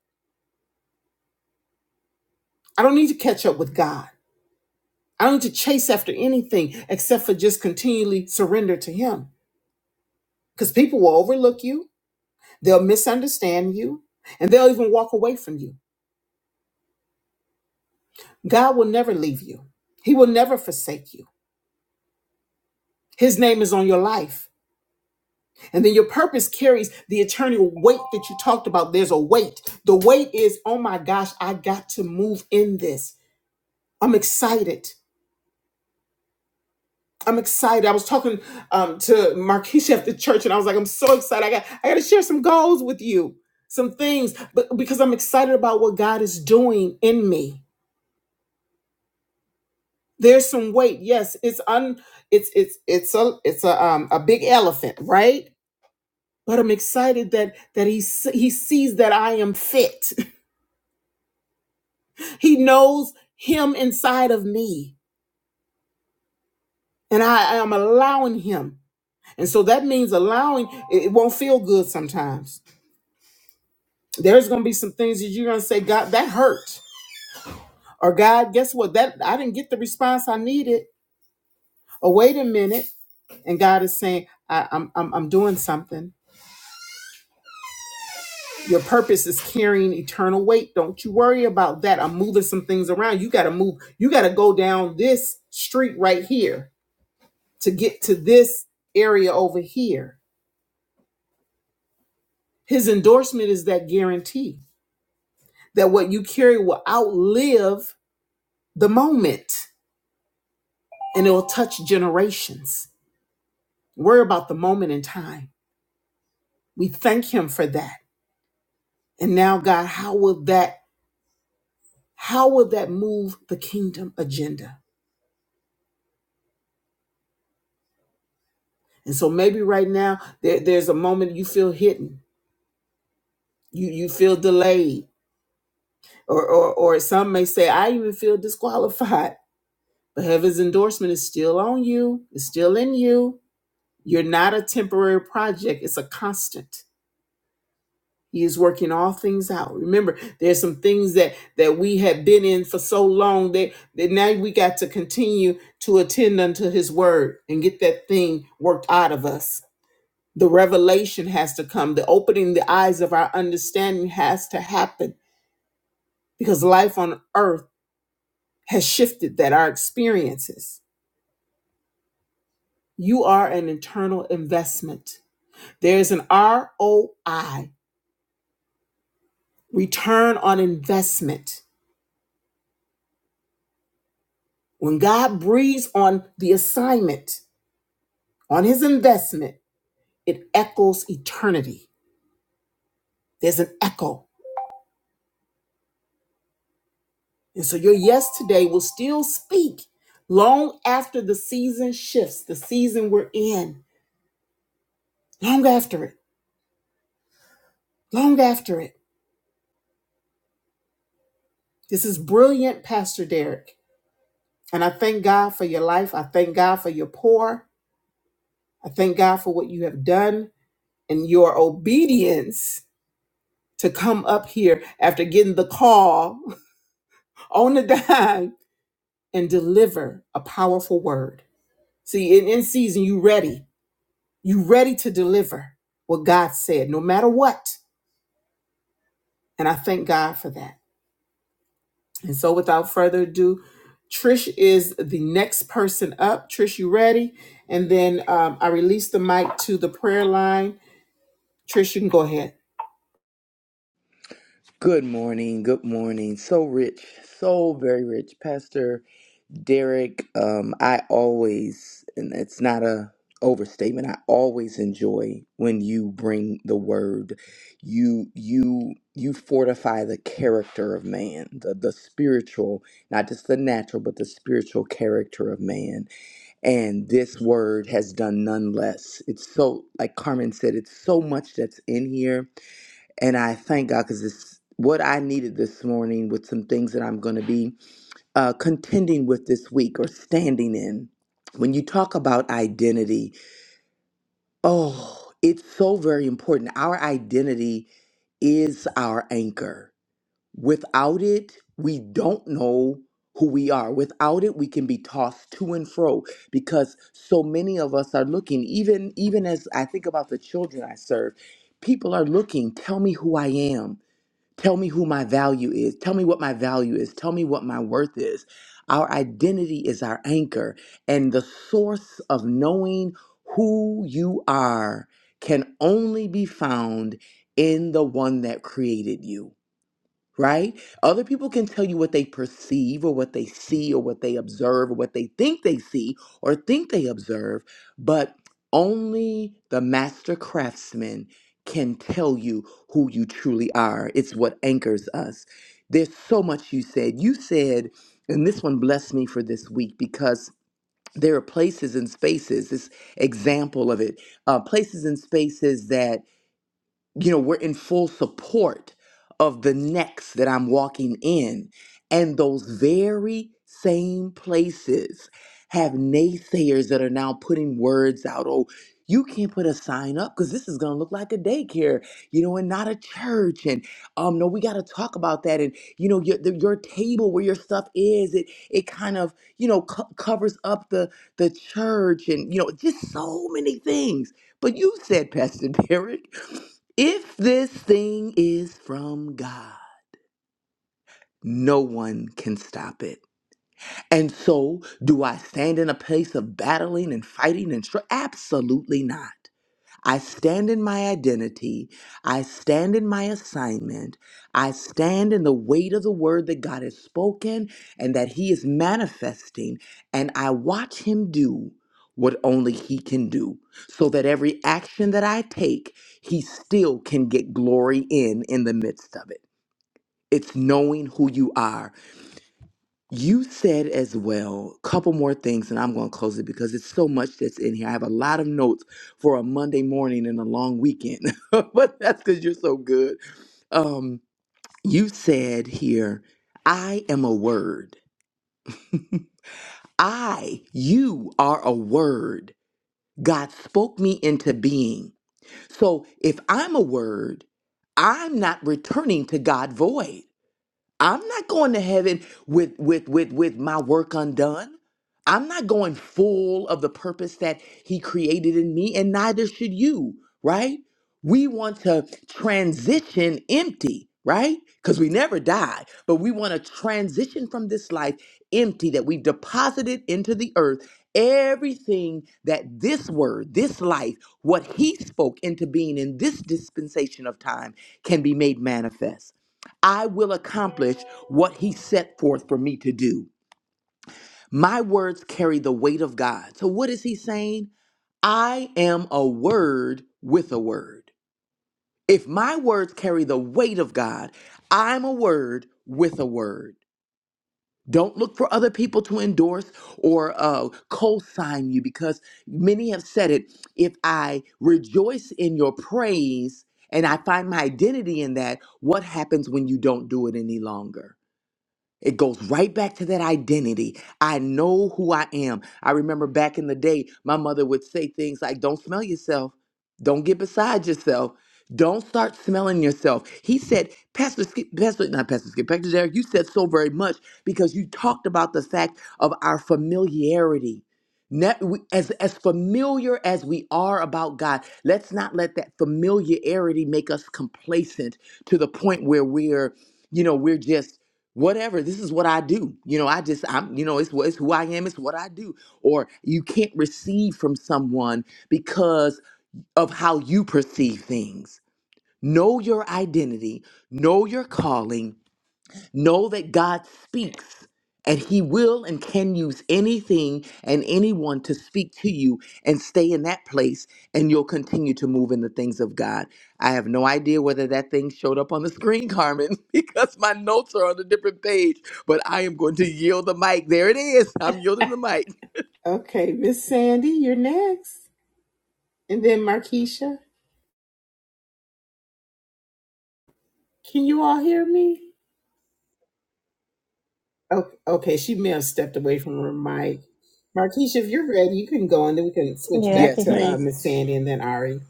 A: I don't need to catch up with God. I don't need to chase after anything except for just continually surrender to Him. Because people will overlook you, they'll misunderstand you, and they'll even walk away from you. God will never leave you. He will never forsake you. His name is on your life. And then your purpose carries the eternal weight that you talked about. There's a weight. The weight is, oh my gosh, I got to move in this. I'm excited. I'm excited. I was talking um, to Marquise at the church, and I was like, I'm so excited. I got, I got to share some goals with you, some things, but because I'm excited about what God is doing in me. There's some weight. Yes, it's un, it's it's it's a it's a um a big elephant, right? But I'm excited that that he se- he sees that I am fit He knows him inside of me, and I am allowing him. And so that means allowing it it won't feel good sometimes. There's going to be some things that you're going to say, God, that hurt. Or God, guess what? That I didn't get the response I needed. Or wait a minute. And God is saying, I, I'm, I'm, I'm doing something. Your purpose is carrying eternal weight. Don't you worry about that. I'm moving some things around. You got to move. You got to go down this street right here to get to this area over here His endorsement is that guarantee that what you carry will outlive the moment and it'll touch generations. Worry about the moment in time. We thank him for that. And now, God, how will that, how will that move the kingdom agenda? And so maybe right now there, there's a moment you feel hidden, you you feel delayed, or, or or some may say, I even feel disqualified. But heaven's endorsement is still on you, it's still in you. You're not a temporary project, it's a constant. He is working all things out. Remember, there's some things that that we have been in for so long that, that now we got to continue to attend unto his word and get that thing worked out of us. The revelation has to come. The opening the eyes of our understanding has to happen because life on earth has shifted that our experiences. You are an internal investment. There's an ROI return on investment. When God breathes on the assignment, on his investment, it echoes eternity. There's an echo. And so your yes today will still speak long after the season shifts, the season we're in, long after it, long after it. This is brilliant, Pastor Derek. And I thank God for your life. I thank God for your pour. I thank God for what you have done and your obedience to come up here after getting the call on the dime and deliver a powerful word. See, in, in season, you ready. You ready to deliver what God said, no matter what. And I thank God for that. And so without further ado, Trish is the next person up. Trish, you ready? And then um, I release the mic to the prayer line. Trish, you can go ahead.
E: Good morning. Good morning. So rich, so very rich. Pastor Derek, um, I always, and it's not a overstatement, I always enjoy when you bring the word. You you you fortify the character of man, the, the spiritual, not just the natural, but the spiritual character of man. And this word has done none less. It's so like Carmen said, it's so much that's in here and I thank God because it's what I needed this morning with some things that I'm going to be uh, contending with this week or standing in. When you talk about identity, oh, it's so very important. Our identity is our anchor. Without it, we don't know who we are. Without it, we can be tossed to and fro because so many of us are looking, even even as I think about the children I serve, people are looking, tell me who I am. Tell me who my value is. Tell me what my value is. Tell me what my worth is. Our identity is our anchor, and the source of knowing who you are can only be found in the one that created you right? Other people can tell you what they perceive or what they see or what they observe or what they think they see or think they observe, but only the master craftsman can tell you who you truly are. It's what anchors us. There's so much you said. You said, and this one blessed me for this week because there are places and spaces, this example of it, uh, places and spaces that you know, we're in full support of the next that I'm walking in. And those very same places have naysayers that are now putting words out. Oh, you can't put a sign up because this is going to look like a daycare, you know, and not a church. And um, no, we got to talk about that. And you know, your the, your table where your stuff is, it it kind of you know co- covers up the the church, and you know, just so many things. But you said, Pastor Derek. If this thing is from God, no one can stop it. And so, do I stand in a place of battling and fighting and str- absolutely not. I stand in my identity. I stand in my assignment. I stand in the weight of the word that God has spoken and that He is manifesting. And I watch Him do what only He can do so that every action that I take, He still can get glory in in the midst of it. It's knowing who you are you said as well, a couple more things, and I'm going to close it because it's so much that's in here. I have a lot of notes for a Monday morning and a long weekend, but that's because you're so good. Um, you said here, I am a word. I, you are a word. God spoke me into being. So if I'm a word, I'm not returning to God void. I'm not going to heaven with with with with my work undone. I'm not going full of the purpose that he created in me and neither should you, right? We want to transition empty, right? Cuz we never die, but we want to transition from this life empty that we've deposited into the earth everything that this word, this life, what he spoke into being in this dispensation of time can be made manifest. I will accomplish what he set forth for me to do. My words carry the weight of God. So, what is he saying? I am a word with a word. If my words carry the weight of God, I'm a word with a word. Don't look for other people to endorse or uh, co sign you because many have said it. If I rejoice in your praise and I find my identity in that, what happens when you don't do it any longer? It goes right back to that identity. I know who I am. I remember back in the day, my mother would say things like, Don't smell yourself. Don't get beside yourself. Don't start smelling yourself. He said, Pastor Skip, Pastor, not Pastor Skip, Pastor Derek, you said so very much because you talked about the fact of our familiarity. Net- we- As, as familiar as we are about God, let's not let that familiarity make us complacent to the point where we're, you know, we're just whatever this is what i do you know i just i'm you know it's, wh- it's who i am it's what i do or you can't receive from someone because of how you perceive things know your identity know your calling Know that God speaks and he will and can use anything and anyone to speak to you and stay in that place and you'll continue to move in the things of God. I have no idea whether that thing showed up on the screen, Carmen, because my notes are on a different page, but I am going to yield the mic. There it is. I'm yielding the mic.
A: Okay, Miss Sandy, you're next. And then Markeisha. Can you all hear me? Okay, okay, she may have stepped away from her mic. Markeisha, if you're ready, you can go and then we can switch
F: Yeah, I
A: back
E: Yes,
F: can
A: to
F: hear
A: uh,
F: you.
E: ma'am.
A: Miss Sandy and then Ari.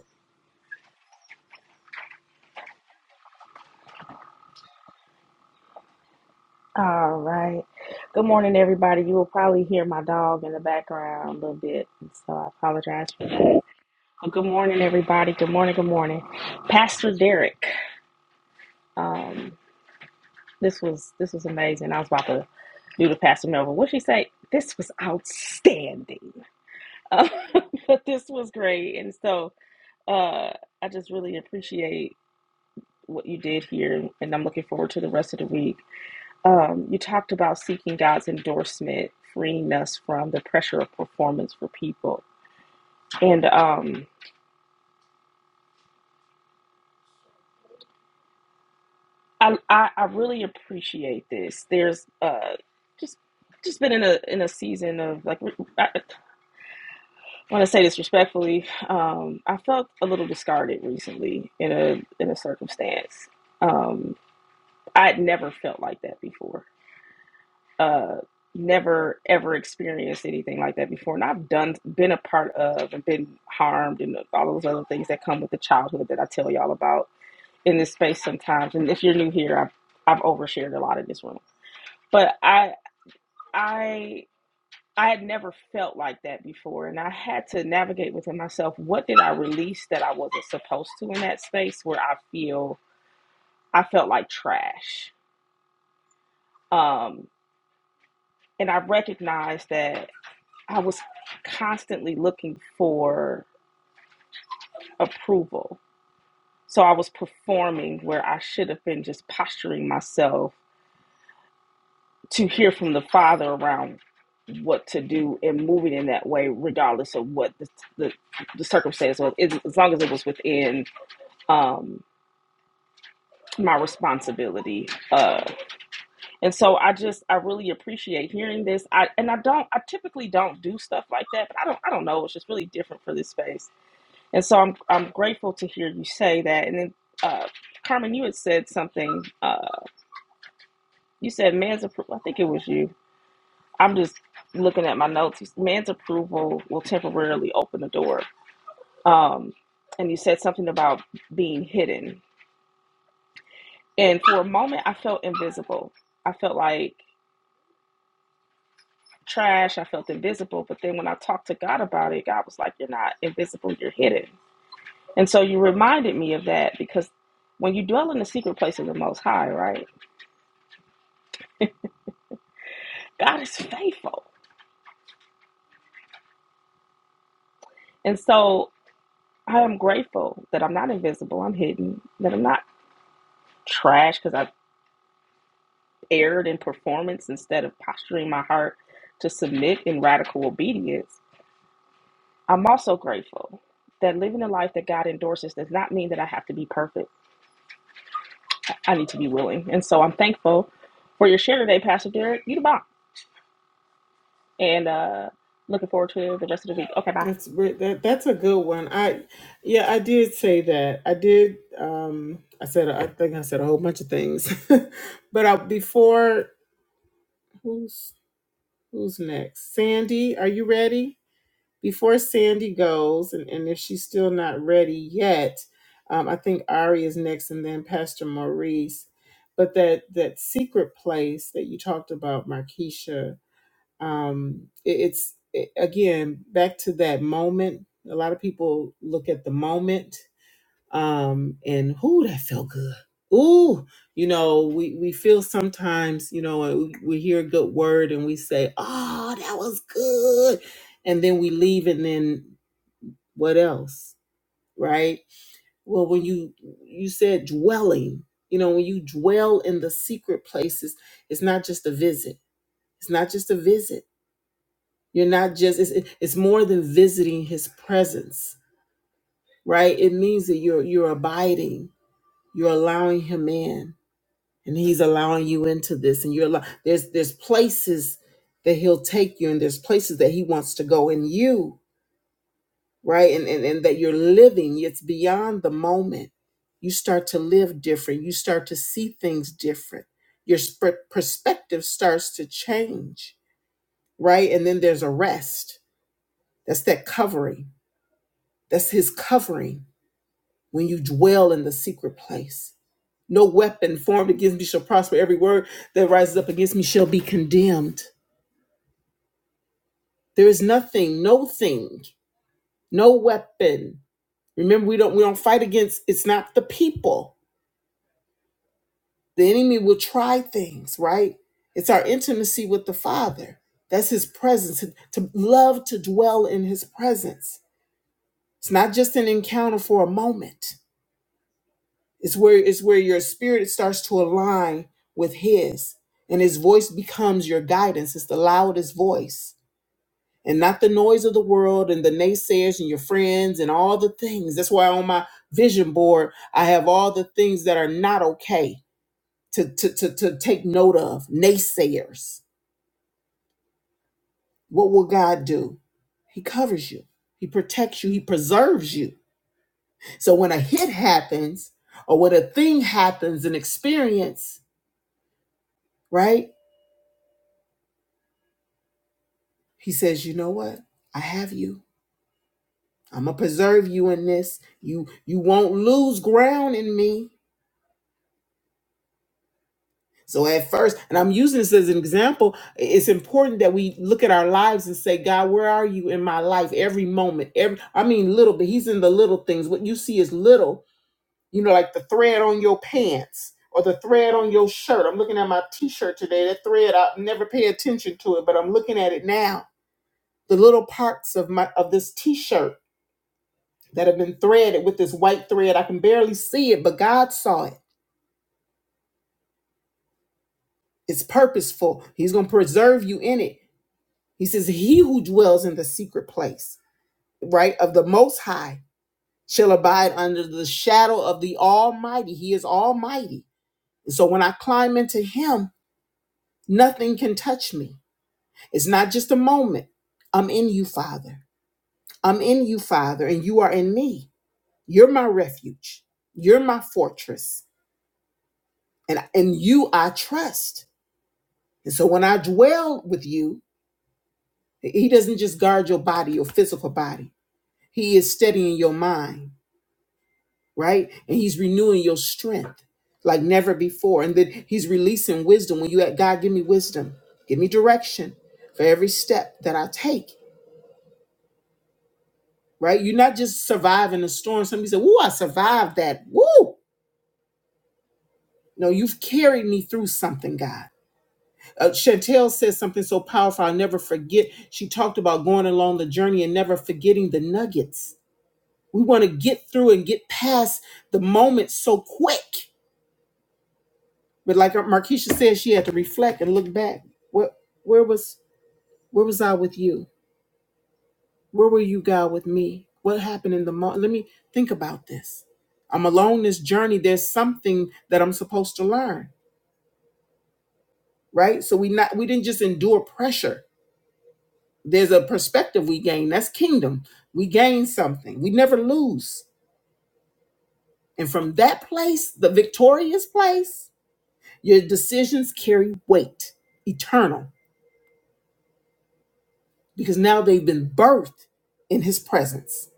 F: All right. Good morning, everybody. You will probably hear my dog in the background a little bit, so I apologize for that. But good morning, everybody. Good morning. Good morning, Pastor Derek. Um, this was this was amazing. I was about to do the Pastor Melvin. What she say? This was outstanding. Uh, but this was great, and so uh, I just really appreciate what you did here, and I'm looking forward to the rest of the week. Um, you talked about seeking God's endorsement, freeing us from the pressure of performance for people. And um, I, I, I really appreciate this. There's uh, just just been in a in a season of like I want to say this respectfully. Um, I felt a little discarded recently in a in a circumstance. Um, I'd never felt like that before. uh never ever experienced anything like that before and i've done been a part of and been harmed and all those other things that come with the childhood that i tell y'all about in this space sometimes and if you're new here i've i've overshared a lot in this room but i i i had never felt like that before and i had to navigate within myself what did i release that i wasn't supposed to in that space where i feel i felt like trash um and i recognized that I was constantly looking for approval. So I was performing where I should have been just posturing myself to hear from the Father around what to do and moving in that way, regardless of what the the, the circumstance was, as as long as it was within um, my responsibility. Uh, and so I just I really appreciate hearing this. I and I don't I typically don't do stuff like that, but I don't I don't know. It's just really different for this space And so I'm I'm grateful to hear you say that. And then uh, Carmen, you had said something. Uh, you said man's approval. I think it was you. I'm just looking at my notes. You s- Man's approval will temporarily open the door. Um, and you said something about being hidden. And for a moment, I felt invisible. I felt like trash. I felt invisible. But then when I talked to God about it, God was like, "You're not invisible. You're hidden." And so you reminded me of that because when you dwell in the secret place of the Most High, right? God is faithful. And so I am grateful that I'm not invisible, I'm hidden, that I'm not trash because I've erred in performance instead of posturing my heart to submit in radical obedience. I'm also grateful that living a life that God endorses does not mean that I have to be perfect. I need to be willing. And so I'm thankful for your share today, Pastor Derek. You the bomb. And uh, looking forward to the rest of the week. Okay, bye.
A: That's re- that. That's a good one. I, yeah, I did say that. I did. Um, I said. I think I said a whole bunch of things, but I, before who's who's next? Sandy, are you ready? Before Sandy goes, and, and if she's still not ready yet, um, I think Ari is next, and then Pastor Maurice. But that that secret place that you talked about, Markeisha, um it, it's it- again back to that moment a lot of people look at the moment um and who that felt good ooh you know we we feel sometimes you know uh, we, we hear a good word and we say oh that was good and then we leave and then what else right well when you you said dwelling you know when you dwell in the secret places it's not just a visit it's not just a visit you're not just it's it's more than visiting his presence, right? It means that you're you're abiding, you're allowing him in, and he's allowing you into this. And you're allow, there's there's places that he'll take you, and there's places that he wants to go in you, right? And and, and that you're living, it's beyond the moment. You start to live different, you start to see things different. Your sp- perspective starts to change, right? And then there's a rest. That's that covering That's his covering when you dwell in the secret place. No weapon formed against me shall prosper. Every word that rises up against me shall be condemned. There is nothing, no thing, no weapon. Remember, we don't we don't fight against it's not the people. The enemy will try things, right? It's our intimacy with the Father. That's his presence. To love to dwell in his presence. It's not just an encounter for a moment. It's where it's where your spirit starts to align with his and his voice becomes your guidance. It's the loudest voice and not the noise of the world and the naysayers and your friends and all the things. That's why on my vision board I have all the things that are not okay to to to, to take note of. Naysayers. What will God do? He covers you. He protects you. He preserves you. So when a hit happens or when a thing happens, an experience, right? He says, "You know what? I have you. I'm gonna preserve you in this. You you won't lose ground in me." So at first, and I'm using this as an example, i- it's important that we look at our lives and say, "God, where are you in my life? Every moment, every I mean, little, but He's in the little things. What you see is little. You know, like the thread on your pants." Or the thread on your shirt. I'm looking at my T-shirt today. That thread, I never pay attention to it, but I'm looking at it now. The little parts of my of this T-shirt that have been threaded with this white thread. I can barely see it, but God saw it. It's purposeful. He's going to preserve you in it. He says, He who dwells in the secret place, right, of the Most High shall abide under the shadow of the Almighty. He is Almighty. And so when I climb into Him, nothing can touch me. It's not just a moment. I'm in you, Father. I'm in you, Father, and you are in me. You're my refuge. You're my fortress. And in you I trust. And so when I dwell with you, he doesn't just guard your body, your physical body. He is steadying your mind, right? And he's renewing your strength like never before. And then he's releasing wisdom. When you at God, give me wisdom, give me direction for every step that I take, right? You're not just surviving a storm. Somebody said, Woo, I survived that. Woo! No, you've carried me through something, God. Uh, Chantel said something so powerful, I'll never forget. She talked about going along the journey and never forgetting the nuggets We want to get through and get past the moment so quick. But like Markeisha said, she had to reflect and look back. What where was where was I with you? Where were you, God, with me? What happened in the moment? Let me think about this. I'm alone this journey. There's something that I'm supposed to learn, right? So we not we didn't just endure pressure. There's a perspective we gain. That's kingdom. We gain something. We never lose. And from that place, the victorious place, Your decisions carry weight, eternal, because now they've been birthed in his presence,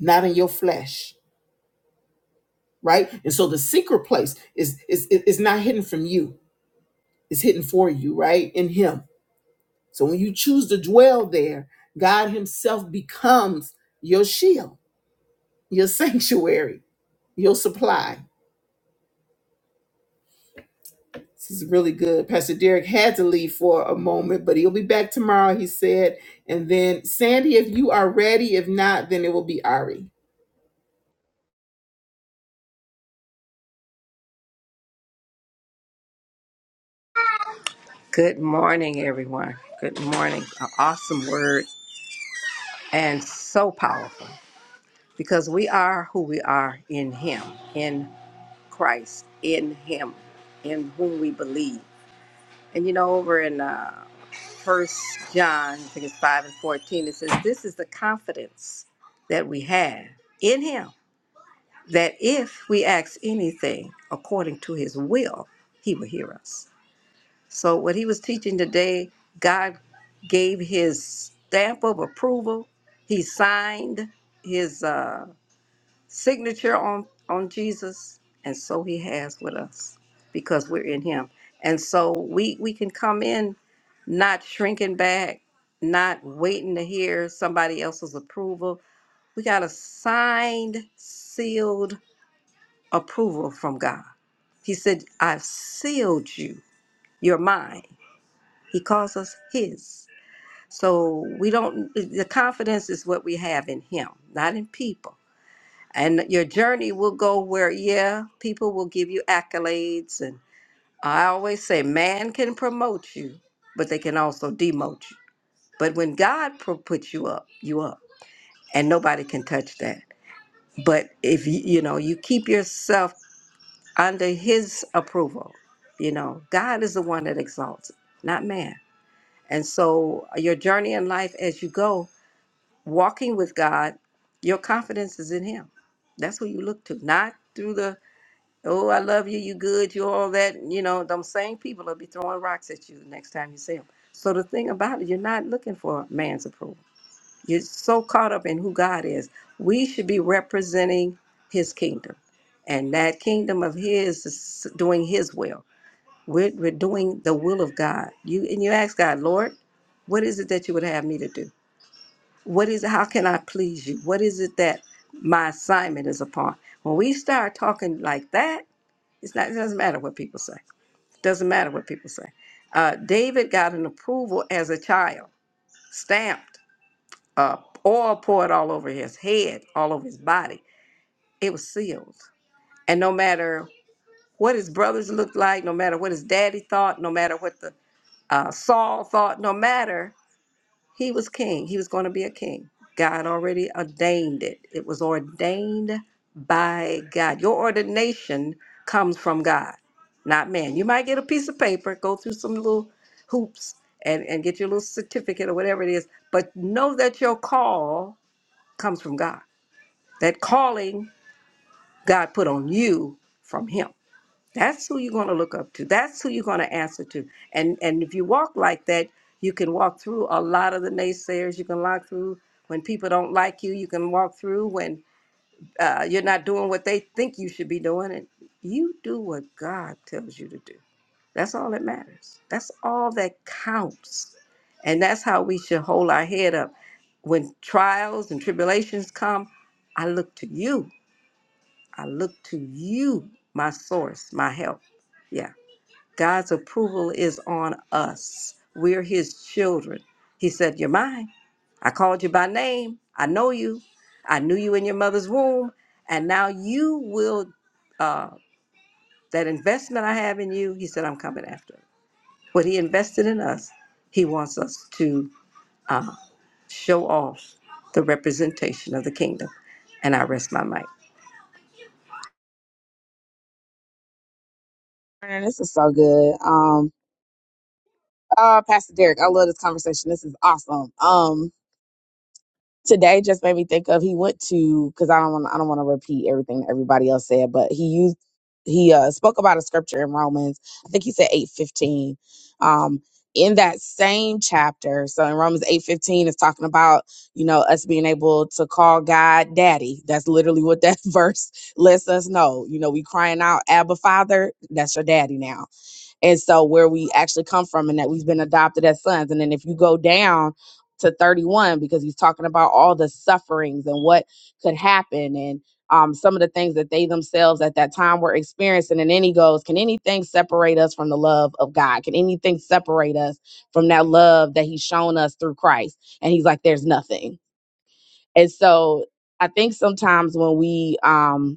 A: not in your flesh, right? And so the secret place is is is not hidden from you. It's hidden for you, right? In him. So when you choose to dwell there, God himself becomes your shield, your sanctuary, your supply. This is really good. Pastor Derek had to leave for a moment, but he'll be back tomorrow, he said. And then, Sandy, if you are ready, if not, then it will be Ari.
B: Good morning, everyone. Good morning. An awesome word and so powerful because we are who we are in Him, in Christ, in Him, in whom we believe. And you know, over in uh, First John, I think it's five and fourteen, it says, "This is the confidence that we have in Him, that if we ask anything according to His will, He will hear us." So what he was teaching today, God gave his stamp of approval. He signed his uh, signature on on Jesus, and so he has with us because we're in him. And so we we can come in not shrinking back, not waiting to hear somebody else's approval. We got a signed, sealed approval from God. He said, "I've sealed you. You're mine." He calls us His. So we don't, the confidence is what we have in Him, not in people. And your journey will go where, yeah, people will give you accolades. And I always say, man can promote you, but they can also demote you. But when God pro- puts you up, you up, and nobody can touch that. But if you, you know, you keep yourself under His approval, you know, God is the one that exalts, it, not man. And so, uh, your journey in life as you go, walking with God, your confidence is in Him. That's who you look to, not through the, oh, I love you, you good, you all that. You know, them same people will be throwing rocks at you the next time you see them. So, the thing about it, you're not looking for man's approval. You're so caught up in who God is. We should be representing His kingdom. And that kingdom of His is doing His will we're, we're doing the will of God. You and you ask God, Lord, what is it that you would have me to do? What is it? How can I please you? What is it that my assignment is upon? When we start talking like that, it's not. It doesn't matter what people say. It doesn't matter what people say. Uh, David got an approval as a child, stamped, uh, oil poured all over his head, all over his body. It was sealed, and no matter what his brothers looked like, no matter what his daddy thought, no matter what the uh, Saul thought no matter, he was king. He was going to be a king. God already ordained it, it was ordained by God. Your ordination comes from God, not man. You might get a piece of paper, go through some little hoops, and, and get your little certificate or whatever it is, but know that your call comes from God. That calling God put on you from Him. That's who you're going to look up to. That's who you're going to answer to. And and if you walk like that, you can walk through a lot of the naysayers. You can walk through when people don't like you. You can walk through when uh, you're not doing what they think you should be doing. And you do what God tells you to do. That's all that matters. That's all that counts. And that's how we should hold our head up when trials and tribulations come. I look to you. I look to you, my source, my help. Yeah. God's approval is on us. We're his children. He said, You're mine. I called you by name. I know you. I knew you in your mother's womb. And now you will, uh, that investment I have in you, he said, I'm coming after. it." What he invested in us, he wants us to uh, show off the representation of the kingdom. And I rest my mic.
G: Morning. This is so good. Um, uh, Pastor Derek, I love this conversation. This is awesome. Um, today just made me think of he went to because I don't want I don't want to repeat everything everybody else said, but he used he uh spoke about a scripture in Romans. I think he said eight fifteen. Um, in that same chapter, so in Romans eight fifteen is talking about you know us being able to call God Daddy. That's literally what that verse lets us know. You know, we crying out Abba Father. That's your Daddy now and so where we actually come from and that we've been adopted as sons and then if you go down to 31 because he's talking about all the sufferings and what could happen and um, some of the things that they themselves at that time were experiencing and then he goes can anything separate us from the love of god can anything separate us from that love that he's shown us through christ and he's like there's nothing and so i think sometimes when we um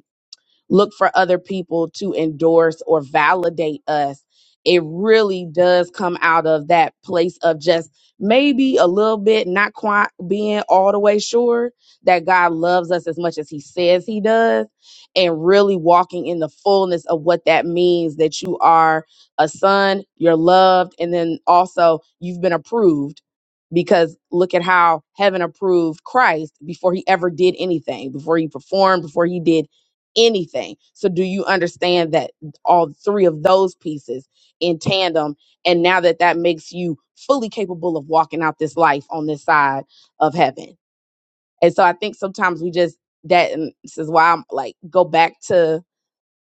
G: look for other people to endorse or validate us. It really does come out of that place of just maybe a little bit not quite being all the way sure that God loves us as much as He says He does, and really walking in the fullness of what that means that you are a son, you're loved, and then also you've been approved because look at how heaven approved Christ before he ever did anything, before he performed, before he did anything. So do you understand that all three of those pieces in tandem and now that that makes you fully capable of walking out this life on this side of heaven. And so I think sometimes we just that and this is why I'm like go back to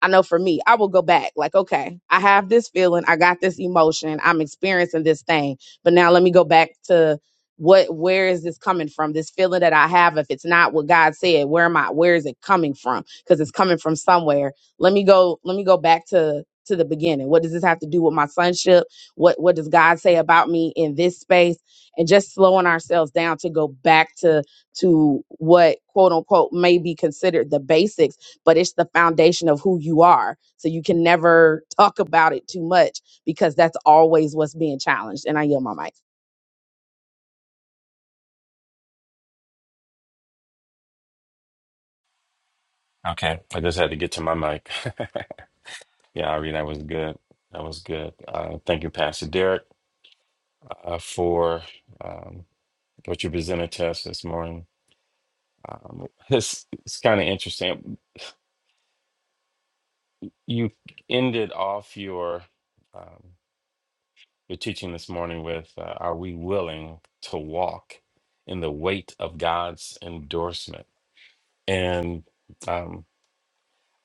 G: I know for me, I will go back like, okay, I have this feeling, I got this emotion, I'm experiencing this thing. But now let me go back to what where is this coming from? This feeling that I have, if it's not what God said, where am I where is it coming from? Because it's coming from somewhere. Let me go, let me go back to to the beginning. What does this have to do with my sonship? What what does God say about me in this space? And just slowing ourselves down to go back to to what quote unquote may be considered the basics but it's the foundation of who you are. So you can never talk about it too much because that's always what's being challenged. And I yield my mic.
H: Okay, I just had to get to my mic. Yeah, Ari, that was good. That was good. Uh, thank you, Pastor Derek, uh, for um, what you presented to us this morning. Um, it's it's kind of interesting. You ended off your um, your teaching this morning with, uh, "Are we willing to walk in the weight of God's endorsement?" And um,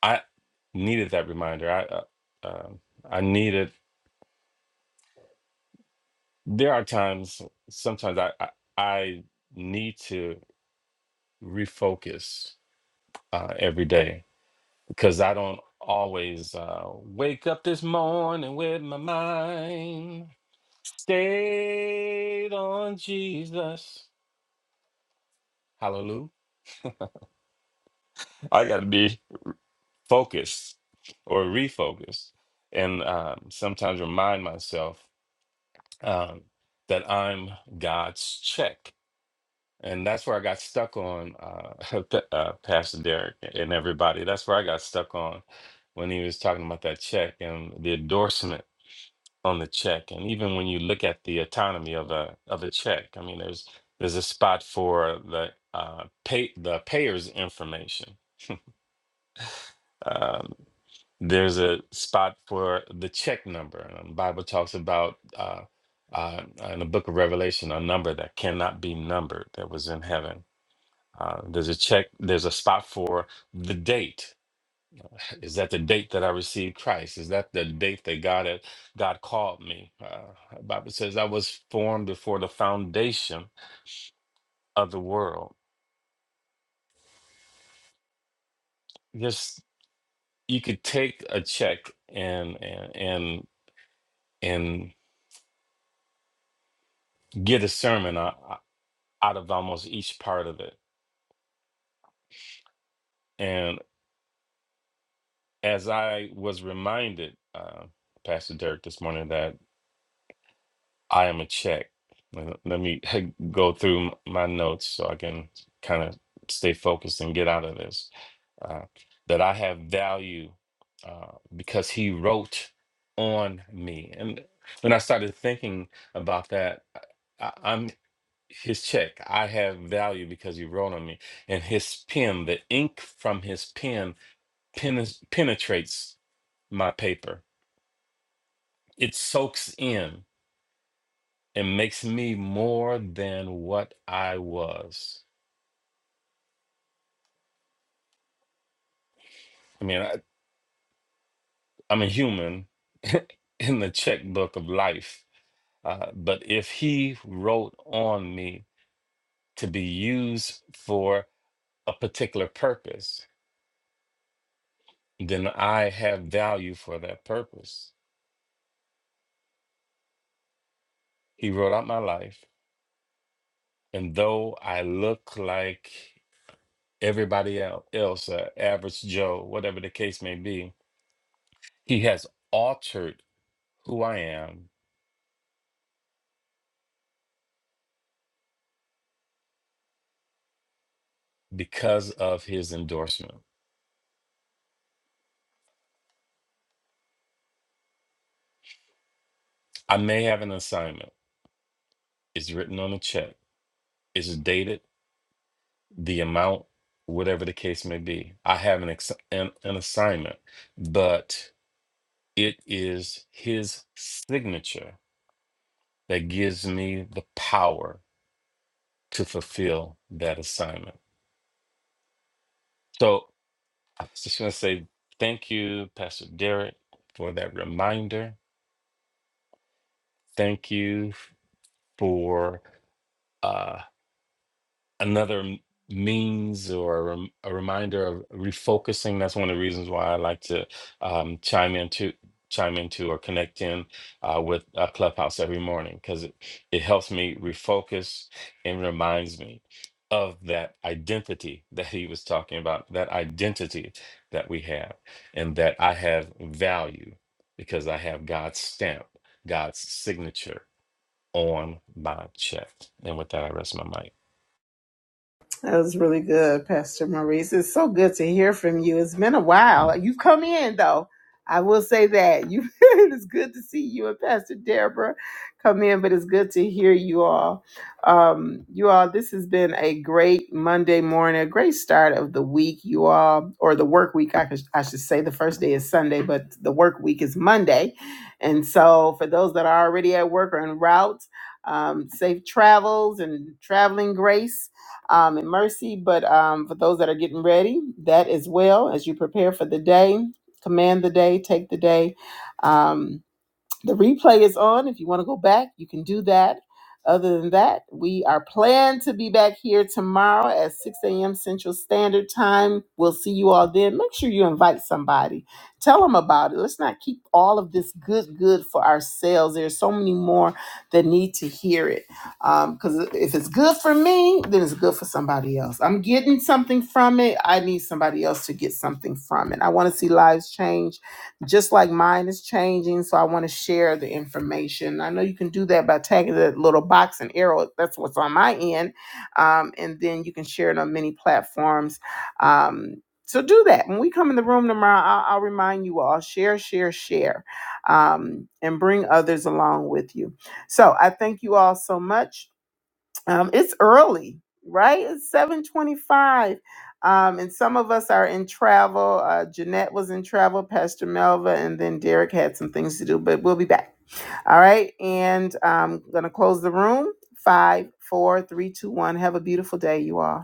H: I needed that reminder. I uh, um I needed There are times, sometimes I, I, I need to refocus uh, every day because I don't always uh, wake up this morning with my mind stayed on Jesus. Hallelujah. I got to be focused or refocused and um, sometimes remind myself um, that I'm God's check. and that's where I got stuck on uh, P- uh, Pastor Derek and everybody. That's where I got stuck on when he was talking about that check and the endorsement on the check, and even when you look at the autonomy of a of a check, I mean, there's there's a spot for the uh, pay the payer's information. Um, there's a spot for the check number, and the Bible talks about. Uh, uh, in the book of Revelation, a number that cannot be numbered that was in heaven uh, there's a check, there's a spot for the date. Is that the date that I received Christ? Is that the date that God had, God called me? Uh, the Bible says I was formed before the foundation of the world. Just you could take a check and and and and get a sermon o- o- out of almost each part of it. And as I was reminded, uh, Pastor Dirk, this morning that I am a check. Let let me go through m- my notes so I can kind of stay focused and get out of this. Uh, that I have value uh, because he wrote on me. And when I started thinking about that, I, I'm his check. I have value because he wrote on me. And his pen, the ink from his pen, pen penetrates my paper, it soaks in It makes me more than what I was. I mean, I, I'm a human in the checkbook of life. Uh, but if he wrote on me to be used for a particular purpose, then I have value for that purpose. He wrote out my life. And though I look like everybody el- else, uh, average Joe, whatever the case may be, he has altered who I am because of his endorsement. I may have an assignment. It's written on a check. It's dated, the amount, whatever the case may be. I have an, ex- an, an assignment, but it is his signature that gives me the power to fulfill that assignment. So I was just going to say thank you, Pastor Derek, for that reminder. Thank you for. uh. another m- means or a, rem- a reminder of refocusing. That's one of the reasons why I like to um, chime into chime into or connect in uh, with uh, Clubhouse every morning because it, it helps me refocus and reminds me of that identity that he was talking about, that identity that we have, and that I have value because I have God's stamp, God's signature on my check. And with that, I rest my mic.
A: That was really good, Pastor Maurice. It's so good to hear from you. It's been a while. You've come in though. I will say that you. it's good to see you and Pastor Deborah come in, but it's good to hear you all. Um, you all, this has been a great Monday morning, a great start of the week. You all, or the work week, I, could, I should say. The first day is Sunday, but the work week is Monday, and so for those that are already at work or en route, um, safe travels and traveling grace um, and mercy. But um, for those that are getting ready, that as well as you prepare for the day, command the day, take the day. Um, the replay is on. If you want to go back, you can do that. Other than that, we are planned to be back here tomorrow at 6 a.m. Central Standard Time. We'll see you all then. Make sure you invite somebody. Tell them about it. Let's not keep all of this good, good for ourselves. There's so many more that need to hear it. Because if it's good for me, then it's good for somebody else. I'm getting something from it. I need somebody else to get something from it. I want to see lives change just like mine is changing. So I want to share the information. I know you can do that by tagging the little box and arrow. That's what's on my end. Um, and then you can share it on many platforms. Um, so do that. When we come in the room tomorrow, I'll, I'll remind you all share, share, share, um, and bring others along with you. So I thank you all so much um, it's early right it's 725 um, and some of us are in travel uh, jeanette was in travel pastor melva and then derek had some things to do but we'll be back all right and i'm gonna close the room five four three two one have a beautiful day you all